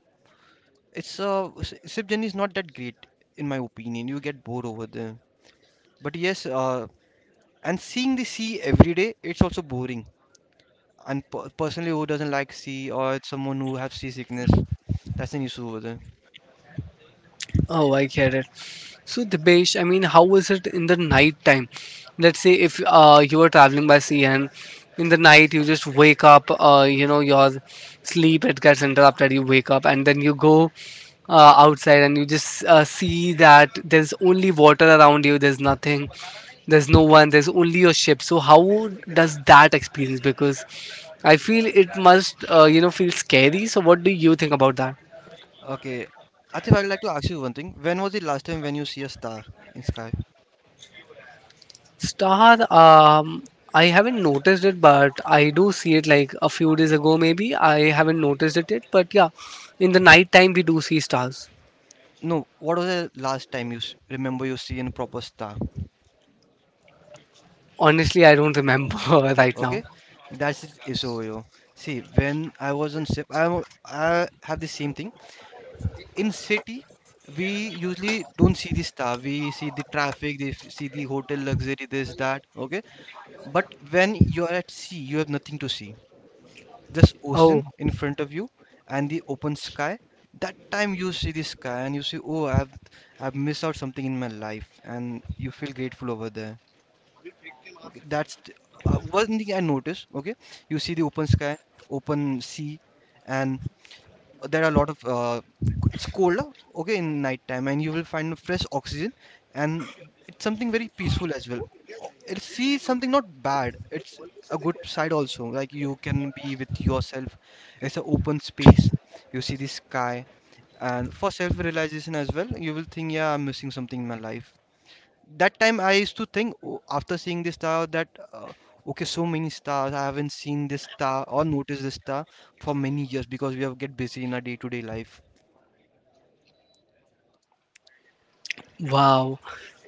Speaker 2: It's SIP journey is not that great in my opinion. You get bored over there. But yes, and seeing the sea every day, it's also boring. And personally, who doesn't like sea, or it's someone who has seasickness, that's an issue over there.
Speaker 1: Oh, I get it. So, Dibesh, I mean, how is it in the night time? Let's say, if you are traveling by sea and in the night you just wake up, you know, your sleep, it gets interrupted. You wake up and then you go outside and you just see that there's only water around you. There's nothing. There's no one. There's only your ship. So, how does that experience? Because I feel it must, feel scary. So, what do you think about that?
Speaker 2: Okay, Atif, I would like to ask you one thing. When was the last time when you see a star in sky?
Speaker 1: Star, I haven't noticed it, but I do see it like a few days ago, maybe. I haven't noticed it yet, but yeah, in the night time we do see stars.
Speaker 2: No, what was the last time you remember you see in proper star?
Speaker 1: Honestly, I don't remember right now.
Speaker 2: Okay, that's it is over. Yo. See, when I was on ship, I have the same thing. In city, we usually don't see the star. We see the traffic, they see the hotel luxury, this that. Okay, but when you're at sea, you have nothing to see. Just ocean
Speaker 1: Oh,
Speaker 2: in front of you and the open sky. That time you see the sky and you say, "Oh, I've missed out something in my life," and you feel grateful over there. Okay, one thing I noticed. Okay, you see the open sky, open sea, and there are a lot of it's colder. Okay, in night time, and you will find fresh oxygen, and it's something very peaceful as well. It, sea is something not bad. It's a good side also. Like you can be with yourself. It's an open space. You see the sky, and for self-realization as well, you will think, yeah, I'm missing something in my life. That time I used to think, "Oh," after seeing this star that okay, so many stars. I haven't seen this star or noticed this star for many years because we have get busy in our day-to-day life.
Speaker 1: wow.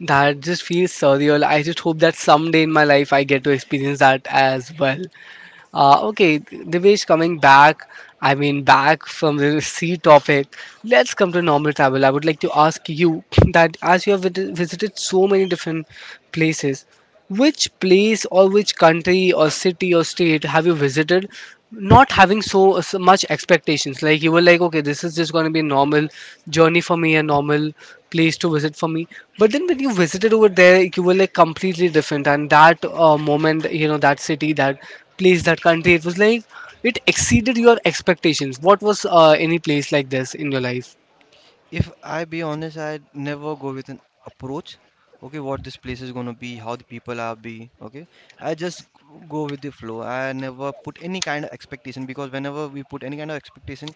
Speaker 1: That just feels surreal. I just hope that someday in my life I get to experience that as well. Okay, Divesh, coming back, I mean, back from the sea topic, let's come to normal travel. I would like to ask you that as you have visited so many different places, which place or which country or city or state have you visited not having so much expectations? Like you were like, okay, this is just going to be a normal journey for me, a normal place to visit for me. But then when you visited over there, you were like completely different. And that moment, you know, that city, that place, that country, it was like it exceeded your expectations. What was any place like this in your life?
Speaker 2: If I be honest, I never go with an approach. Okay, what this place is gonna be, how the people are be. Okay, I just go with the flow. I never put any kind of expectation because whenever we put any kind of expectation,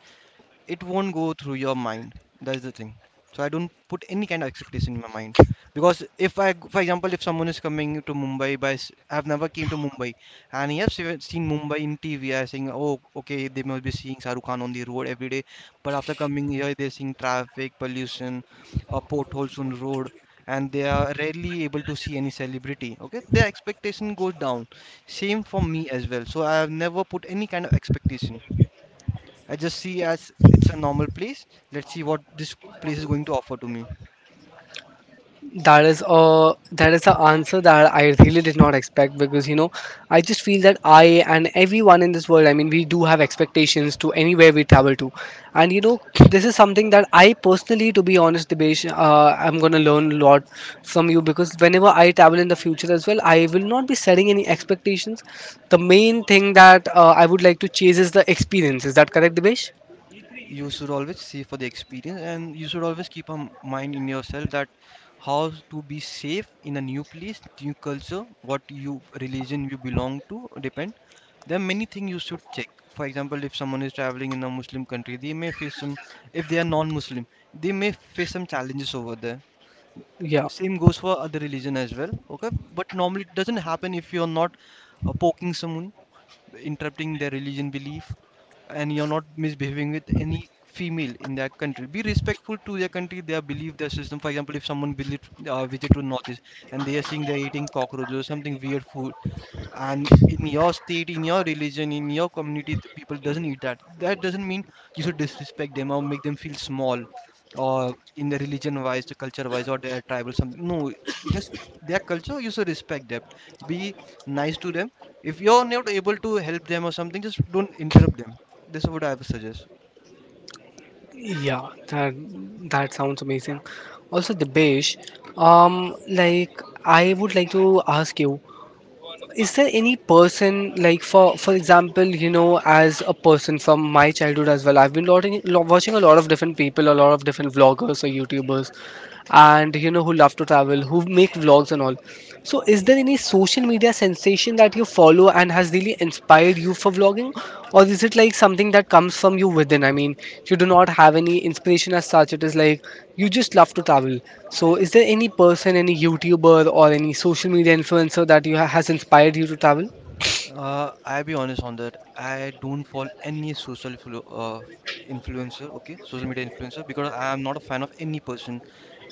Speaker 2: it won't go through your mind. That's the thing, so I don't put any kind of expectation in my mind because if for example, if someone is coming to Mumbai by I've never came to Mumbai, and yes, I've seen Mumbai in TV. I saying, "Oh, okay, they must be seeing Shahrukh Khan on the road every day," but after coming here they're seeing traffic, pollution, or potholes on the road, and they are rarely able to see any celebrity. Okay, their expectation goes down. Same for me as well, so I have never put any kind of expectation. I just see as it's a normal place. Let's see what this place is going to offer to me.
Speaker 1: That is a that is the answer that I really did not expect because you know I just feel that I and everyone in this world I mean we do have expectations to anywhere we travel to, and you know this is something that I personally to be honest Dibesh I'm gonna learn a lot from you because whenever I travel in the future as well I will not be setting any expectations. The main thing that I would like to chase is the experience. Is that correct, Dibesh?
Speaker 2: You should always see for the experience, and you should always keep a mind in yourself that how to be safe in a new place, new culture, what you religion you belong to depend. There are many things you should check. For example, if someone is traveling in a Muslim country, they may face some. If they are non-Muslim, they may face some challenges over there.
Speaker 1: Yeah.
Speaker 2: Same goes for other religion as well. Okay, but normally it doesn't happen if you are not poking someone, interrupting their religion belief, and you're not misbehaving with any female in that country. Be respectful to their country, their belief, their system. For example, if someone believes visit to northeast and they are seeing they're eating cockroaches or something weird food, and in your state, in your religion, in your community, the people doesn't eat that, that doesn't mean you should disrespect them or make them feel small, or in the religion wise, the culture wise, or their tribal something. No, just their culture, you should respect them, be nice to them. If you're not able to help them or something, just don't interrupt them. This is what I would suggest.
Speaker 1: Yeah, that that sounds amazing. Also, Dibesh, like I would like to ask you, is there any person like for example, you know, as a person from my childhood as well, I've been watching a lot of different people, a lot of different vloggers or YouTubers, and you know who love to travel, who make vlogs and all. So, is there any social media sensation that you follow and has really inspired you for vlogging, or is it like something that comes from you within? I mean, you do not have any inspiration as such, it is like you just love to travel. So, is there any person, any YouTuber, or any social media influencer that has inspired you to travel?
Speaker 2: I'll be honest on that. I don't follow any influencer, okay, social media influencer, because I am not a fan of any person.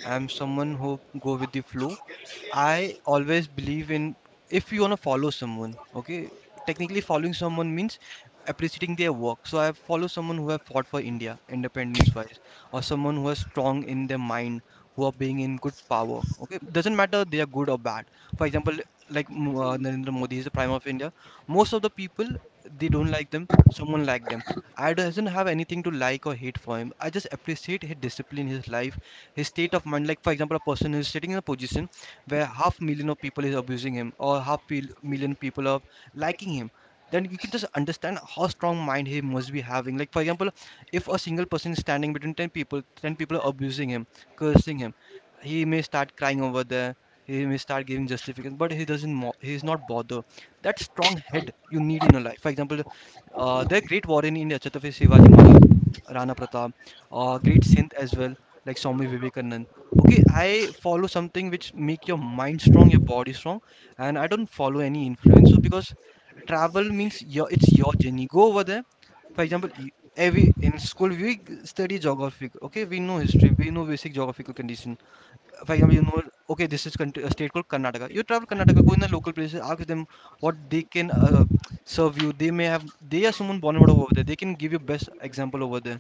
Speaker 2: I'm someone who go with the flow. I always believe in, if you want to follow someone, okay, technically following someone means appreciating their work. So I follow someone who have fought for India independence wise, or someone who is strong in their mind, who are being in good power. Okay, doesn't matter they are good or bad. For example, like Narendra Modi is the prime of India. Most of the people, they don't like them. Someone like them. I doesn't have anything to like or hate for him. I just appreciate his discipline, his life, his state of mind. Like for example, a person who is sitting in a position where half million of people is abusing him, or half million people are liking him, then you can just understand how strong mind he must be having. Like for example, if a single person is standing between 10 people, 10 people are abusing him, cursing him, he may start crying over there. He may start giving justification, but he doesn't mo- he is not bothered. That strong head you need in your life. For example, there are great warrior in India, Chhatrapati Shivaji Maharaj, Rana Pratap, great saint as well, like Swami Vivekanand. Okay, I follow something which make your mind strong, your body strong, and I don't follow any influencer because travel means your, it's your journey, go over there. For example, you- every in school we study geography. Okay, we know history, we know basic geographical condition. For example, you know, okay, this is country, a state called Karnataka. You travel Karnataka, go in the local places, ask them what they can serve you. They may have, they are someone born and brought up over there, they can give you best example over there.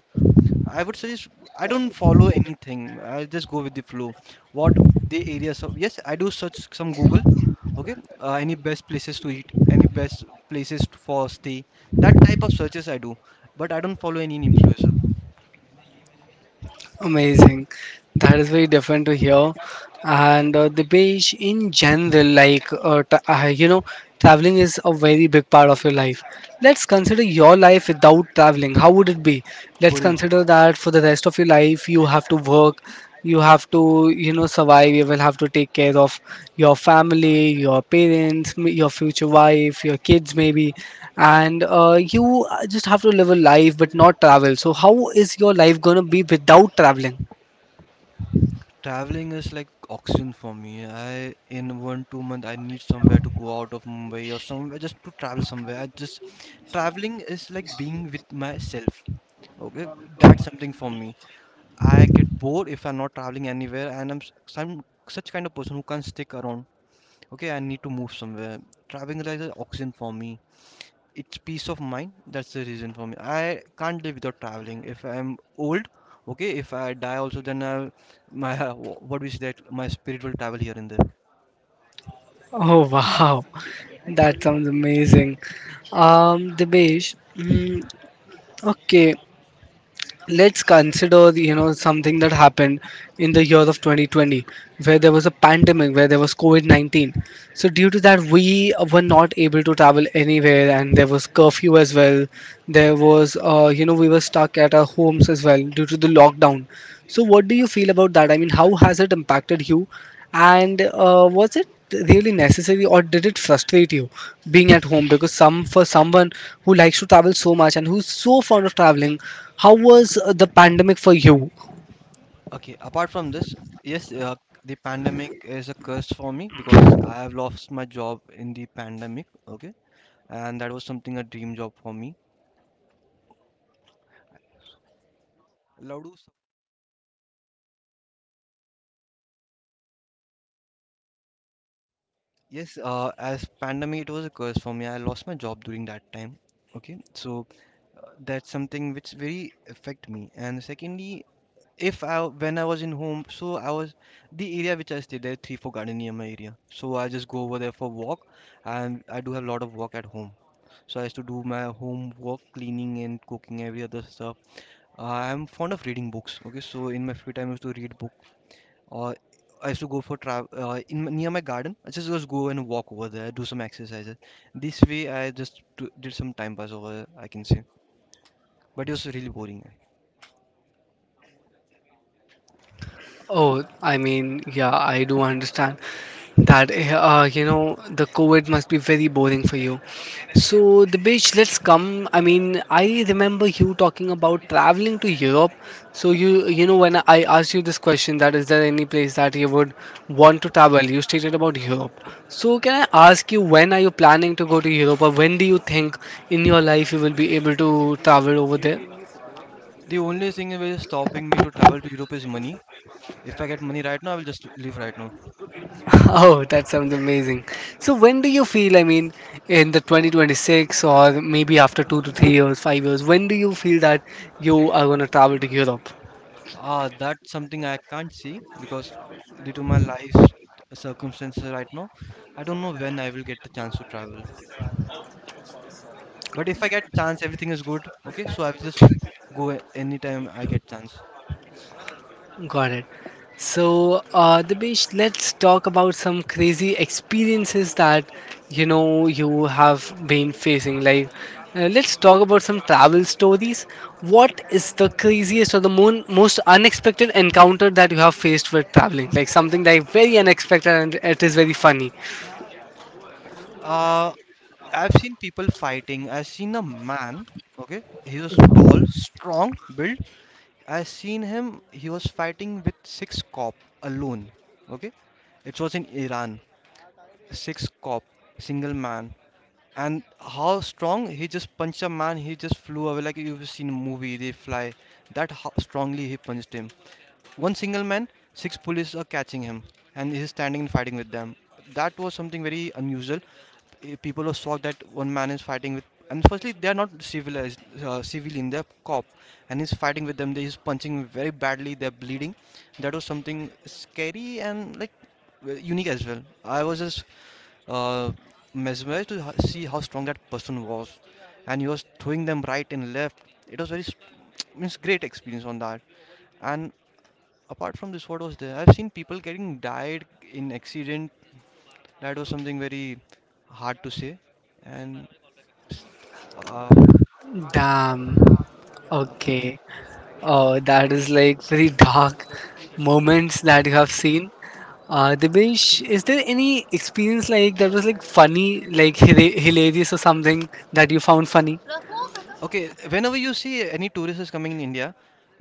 Speaker 2: I would suggest, I don't follow anything. I just go with the flow. What the areas of, yes, I do search some Google. Okay, any best places to eat, any best places for stay, that type of searches I do. But I don't follow any influencer.
Speaker 1: Amazing. That is very different to here. And the beach in general, like, you know, traveling is a very big part of your life. Let's consider your life without traveling. How would it be? Let's
Speaker 2: Boring.
Speaker 1: consider that for the rest of your life, you have to work you have to you know survive you will have to take care of your family your parents your future wife your kids maybe and you just have to live a life but not travel so how is your life going to be without traveling
Speaker 2: Traveling is like oxygen for me. I, in one two month I need somewhere to go out of Mumbai or somewhere just to travel somewhere. I just, traveling is like being with myself. Okay, that's something for me. I get bored if I'm not traveling anywhere, and some such kind of person who can't stick around. Okay, I need to move somewhere. Traveling is like the oxygen for me. It's peace of mind. That's the reason for me. I can't live without traveling. If I'm old, okay. If I die also, then I, my what we say, that my spirit will travel here and there.
Speaker 1: oh wow that sounds amazing Dibesh, mm, okay let's consider you know something that happened in the year of 2020 where there was a pandemic where there was covid-19 so due to that we were not able to travel anywhere and there was curfew as well there was you know we were stuck at our homes as well due to the lockdown so, what do you feel about that? I mean, how has it impacted you? And was it really necessary or did it frustrate you being at home? Because some for someone who likes to travel so much and who's so fond of traveling, how was the pandemic for you?
Speaker 2: Okay. Apart from this, yes, the pandemic is a curse for me because I have lost my job in the pandemic. Okay, and that was something a dream job for me. Loudu. Yes, as pandemic, it was a curse for me. I lost my job during that time. Okay, so that's something which very affect me. And secondly, if I when I was in home, so I was, the area which I stay there, three four garden near my area. So I just go over there for walk, and I do have a lot of work at home. So I used to do my home work, cleaning and cooking every other stuff. I'm fond of reading books. Okay, so in my free time, I used to read book. Or I used to go for travel in near my garden. I just go and walk over there, do some exercises. This way, I did some time pass over, I can say, but it was really boring.
Speaker 1: Oh, I mean, yeah, I do understand that, you know, the COVID must be very boring for you. So, the beach, let's come. I mean, I remember you talking about traveling to Europe. So, you know, when I asked you this question, that is there any place that you would want to travel, you stated about Europe. So, can I ask you, when are you planning to go to Europe, or when do you think in your life you will be able to travel over there?
Speaker 2: The only thing that is stopping me to travel to Europe is money. If I get money right now, I will just leave right now.
Speaker 1: Oh, that sounds amazing. So, when do you feel, I mean, in the 2026 or maybe after 2 to 3 years, 5 years, when do you feel that you are going to travel to Europe?
Speaker 2: Ah, that's something I can't see because due to my life circumstances right now, I don't know when I will get the chance to travel. But if I get chance, everything is good. Okay, so I will just go anytime I get chance.
Speaker 1: Got it. So, Dibesh, let's talk about some crazy experiences that you know you have been facing. Like, let's talk about some travel stories. What is the craziest or the most unexpected encounter that you have faced with traveling? Like something like very unexpected and it is very funny.
Speaker 2: Uh, I've seen people fighting. I've seen a man, okay, he was tall, strong built. I've seen him, he was fighting with six cop alone, okay. It was in Iran, six cop, single man. And how strong, he just punched a man, he just flew away like you've seen a movie, they fly. That how strongly he punched him, one single man, six police are catching him, and he's standing and fighting with them. That was something very unusual. Eh, people were shocked that one man is fighting with, and firstly they are not civilized, civilian, they're cop, and he's fighting with them. They He's punching him very badly. They're bleeding. That was something scary and like unique as well. I was just uh, mesmerized to see how strong that person was, and he was throwing them right and left. It was very means great experience on that. And apart from this, what was there? I've seen people getting died in accident. That was something very hard to say. And s- um
Speaker 1: Damn.
Speaker 2: apart from
Speaker 1: Okay.
Speaker 2: this,
Speaker 1: Oh, that is like very dark moments that you have seen. Dibesh, is there any experience like that was like funny, like hilarious or something that you found funny?
Speaker 2: okay, whenever you see any tourist is coming in India,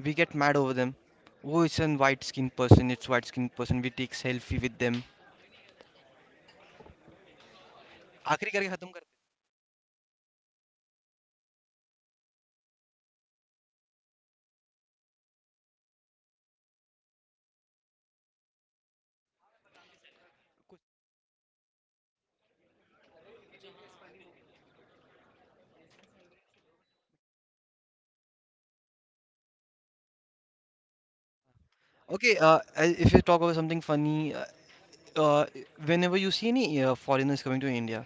Speaker 2: we get mad over them. Oh, it's a white skinned person. It's white skinned person. We take selfie with them. आखिरी करके खत्म करते हैं। Okay, if you talk about something funny, uh, whenever you see any foreigners coming to India,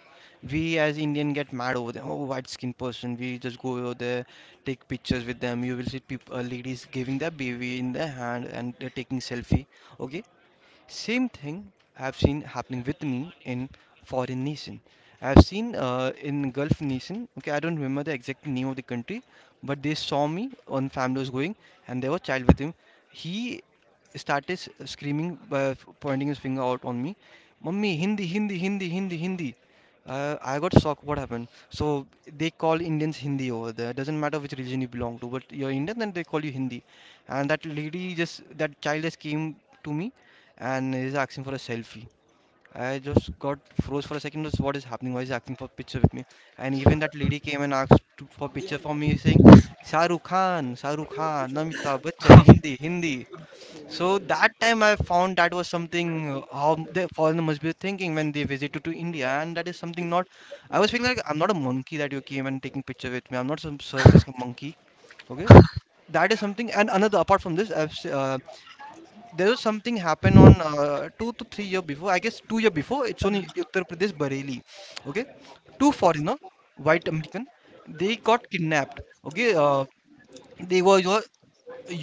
Speaker 2: we as Indian get mad over them. Oh, white skin person. We just go over there, take pictures with them. You will see people, ladies giving their baby in their hand and they're taking selfie. Okay, same thing I've seen happening with me in foreign nation. I've seen in Gulf nation. Okay, I don't remember the exact name of the country, but they saw me on, family was going, and there was child with him. He started screaming, pointing his finger out on me, "Mummy, Hindi, Hindi, Hindi, Hindi, Hindi." I got shocked. What happened? So they call Indians Hindi over there. Doesn't matter which religion you belong to, but you're Indian, then they call you Hindi. And that child just came to me and he's asking for a selfie. I just got froze for a second. Just what is happening? Why is he asking for picture with me? And even that lady came and for picture for me, saying, "Shahrukh Khan, Shahrukh Khan, Amitabh Bachchan, Hindi, Hindi." So that time I found that was something how the foreigner must be thinking when they visited to India, and that is something not. I was feeling like I'm not a monkey that you came and taking picture with me. I'm not some circus monkey. Okay, that is something. And another apart from this, there was something happened on 2 to 3 year before, I guess 2 year before. It's on Uttar Pradesh Bareilly. Okay, two foreigner, white American, they got kidnapped. Okay, they were your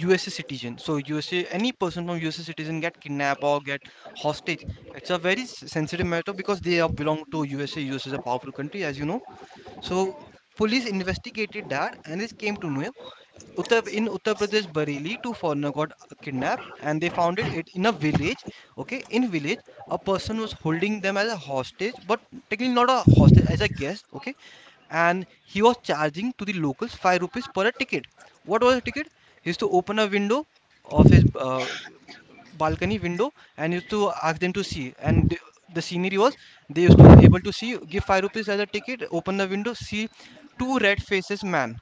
Speaker 2: USA citizen. So USA, any person from USA citizen get kidnapped or get hostage, it's a very sensitive matter because they are belong to USA. USA is a powerful country, as you know. So police investigated that and it came to know Uttar in Uttar Pradesh Bareilly, two foreigner got kidnapped and they found it in a village. Okay, in village, a person was holding them as a hostage, but technically not a hostage, as a guest. Okay, and he was charging to the locals five rupees per a ticket. What was a ticket? He used to open a window of his balcony window and used to ask them to see. And the scenery was they used to able to see, give five rupees as a ticket, open the window, see two red faces man.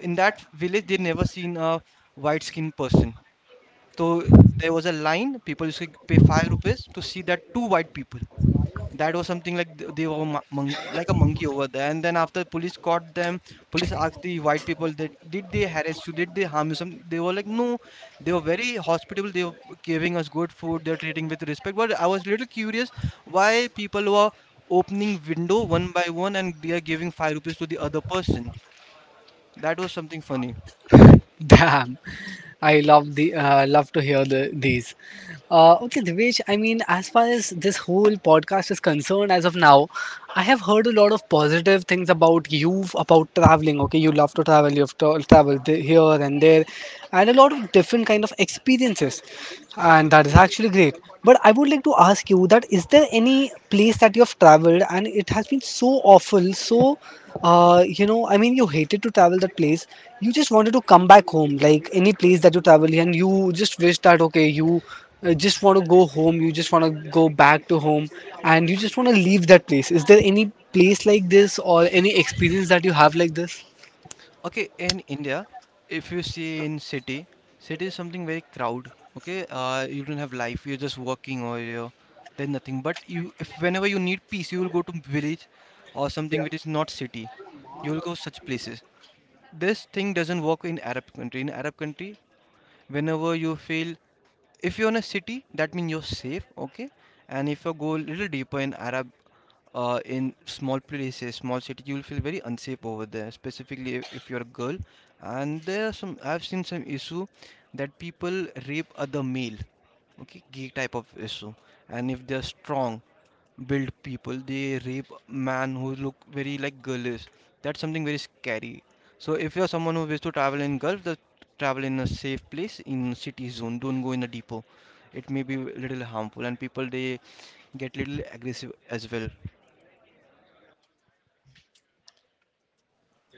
Speaker 2: In that village they never seen a white skinned person. So there was a line, people used to pay five rupees to see that two white people. That was something like monkey, like a monkey over there. And then after police caught them, police asked the white people that did they harass you, did they harm you some. They were like, no, they were very hospitable, they were giving us good food, they were treating with respect. But I was little curious why people were opening window one by one and they are giving five rupees to the other person. That was something funny.
Speaker 1: Damn, I love the love to hear these. Okay, Divesh. I mean, as far as this whole podcast is concerned, as of now, I have heard a lot of positive things about you, about traveling. Okay, you love to travel. You've traveled here and there, and a lot of different kind of experiences, and that is actually great. But I would like to ask you that: Is there any place that you have traveled and it has been so awful so you know I mean you hated to travel that place you just wanted to come back home like any place that you travel and you just wish that okay you just want to go home you just want to go back to home and you just want to leave that place is there any place like this or any experience that you have like this
Speaker 2: Okay, in India, if you see in city, city is something very crowd. Okay, you don't have life. You're just working or you're then nothing. But you, if whenever you need peace, you will go to village or something which is not city. You will go such places. This thing doesn't work in Arab country. In Arab country, whenever you feel, if you're in a city, that means you're safe. Okay, and if you go a little deeper in Arab, in small places, small city, you will feel very unsafe over there, specifically if you're a girl. And there are some, I've seen some issue that people rape other male, okay, gay type of issue. And if they're strong, built people, they rape man who look very like girlish. That's something very scary. So if you're someone who wishes to travel in Gulf, the travel in a safe place in city zone. Don't go in a depot. It may be little harmful, and people they get little aggressive as well.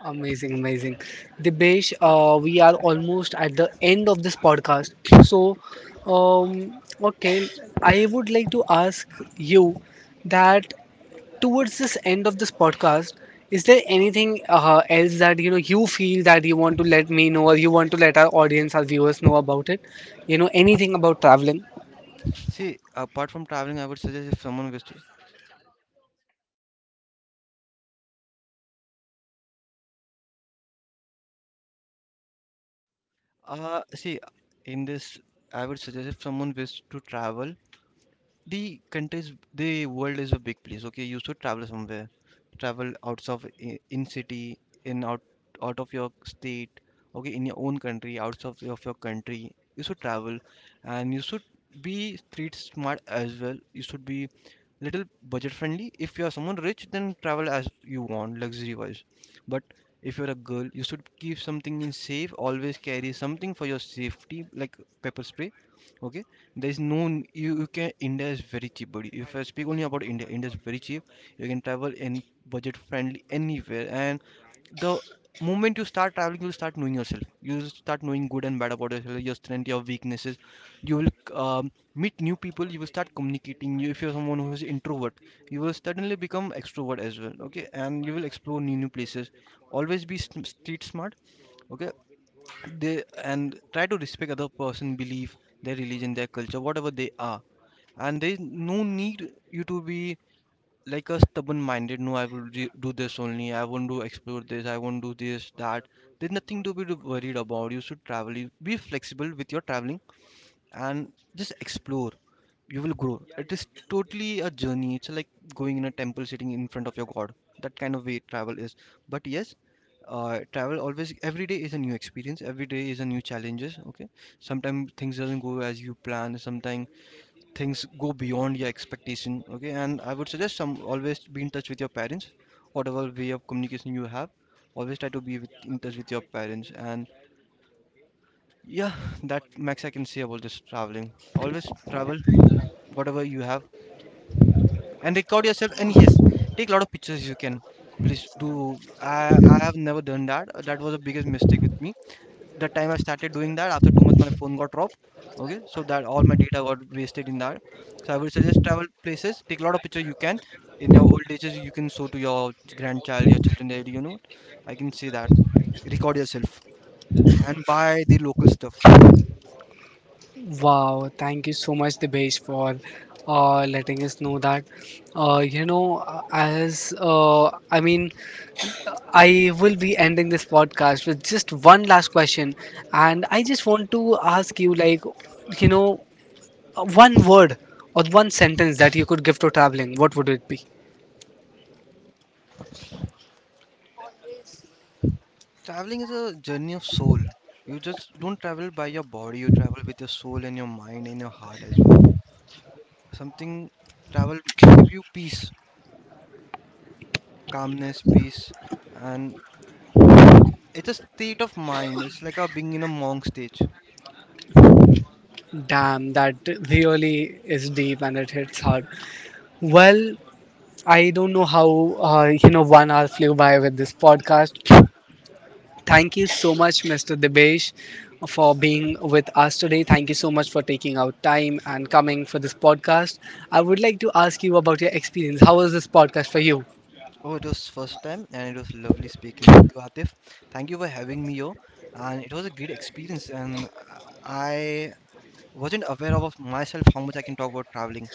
Speaker 1: Amazing, amazing. Dibesh, we are almost at the end of this podcast. So, okay, I would like to ask you that towards this end of this podcast, is there anything else that you know you feel that you want to let me know or you want to let our audience, our viewers know about it? You know, anything about traveling?
Speaker 2: See, apart from traveling, I would suggest if someone wishes, see, in this, I would suggest if someone wishes to travel, the countries, the world is a big place. Okay, you should travel somewhere, travel outside of in city, in out, out of your state. Okay, in your own country, outside of your country, you should travel. And you should be street smart as well. You should be little budget friendly. If you are someone rich, then travel as you want, luxury wise. But if you're a girl, you should keep something in safe, always carry something for your safety like pepper spray. Okay, there's no, you can, India is very cheap buddy. If I speak only about India, India is very cheap. You can travel in budget friendly anywhere. And the moment you start traveling, you start knowing yourself, you start knowing good and bad about yourself, your strength, your weaknesses. You will meet new people, you will start communicating. You, if you're someone who is introvert, you will suddenly become extrovert as well. Okay, and you will explore new places. Always be street smart. Okay, they, and try to respect other person belief, their religion, their culture, whatever they are. And there is no need you to be like a stubborn minded, no I will do this only, I won't do explore this, I won't do this that. There's nothing to be worried about. You should travel, you be flexible with your traveling and just explore. You will grow. It is totally a journey. It's like going in a temple, sitting in front of your god. That kind of way travel is. But yes, travel always, every day is a new experience, every day is a new challenges. Okay, sometimes things doesn't go as you plan, sometimes things go beyond your expectation. Okay, and I would suggest some, always be in touch with your parents, whatever way of communication you have. Always try to be in touch with your parents. And yeah, that max I can say about this traveling. Always travel whatever you have, and record yourself. And yes, take a lot of pictures you can, please do. I i have never done that. That was the biggest mistake with me. The time I started doing that, after 2 months my phone got dropped. Okay, so that all my data got wasted in that. So I would suggest travel places, take a lot of pictures you can. In your old ages you can show to your grandchild, your children, that you know, I can say that record yourself and buy the local stuff.
Speaker 1: Wow, thank you so much, Dibesh, for letting us know that. You know, as I mean I will be ending this podcast with just one last question. And I just want to ask you, like, you know, one word or one sentence that you could give to traveling, what would it be?
Speaker 2: Traveling is a journey of soul. You just don't travel by your body, you travel with your soul and your mind and your heart as well. Something travel give you peace, calmness, peace, and it's a state of mind. It's like a being in a monk stage.
Speaker 1: Damn, that really is deep and it hits hard. Well, I don't know how, you know, 1 hour flew by with this podcast. Thank you so much, Mr. Dibesh, for being with us today. Thank you so much for taking out time and coming for this podcast. I would like to ask you about your experience. How was this podcast for you?
Speaker 2: Oh, it was first time and it was lovely speaking with you, Atif. Thank you for having me here. And it was a great experience, and I I wasn't aware of myself how much I can talk about traveling.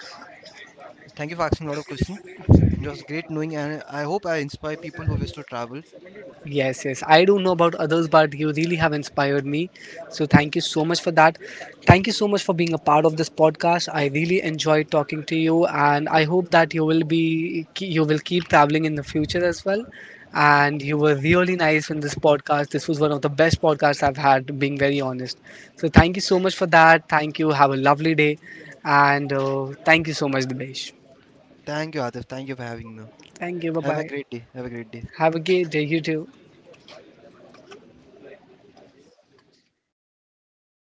Speaker 2: Thank you for asking a lot of questions. And it was great knowing, and I hope I inspire people who wish to travel.
Speaker 1: Yes, yes. I don't know about others, but you really have inspired me. So thank you so much for that. Thank you so much for being a part of this podcast. I really enjoyed talking to you, and I hope that you will keep traveling in the future as well. And you were really nice in this podcast. This was one of the best podcasts I've had, being very honest. So thank you so much for that. Thank you. Have a lovely day, and thank you so much, Dibesh.
Speaker 2: Thank you, Adif. Thank you for having me.
Speaker 1: Thank you. Bye
Speaker 2: Have a
Speaker 1: bye.
Speaker 2: great day. Have a great day.
Speaker 1: Have a great day. You too.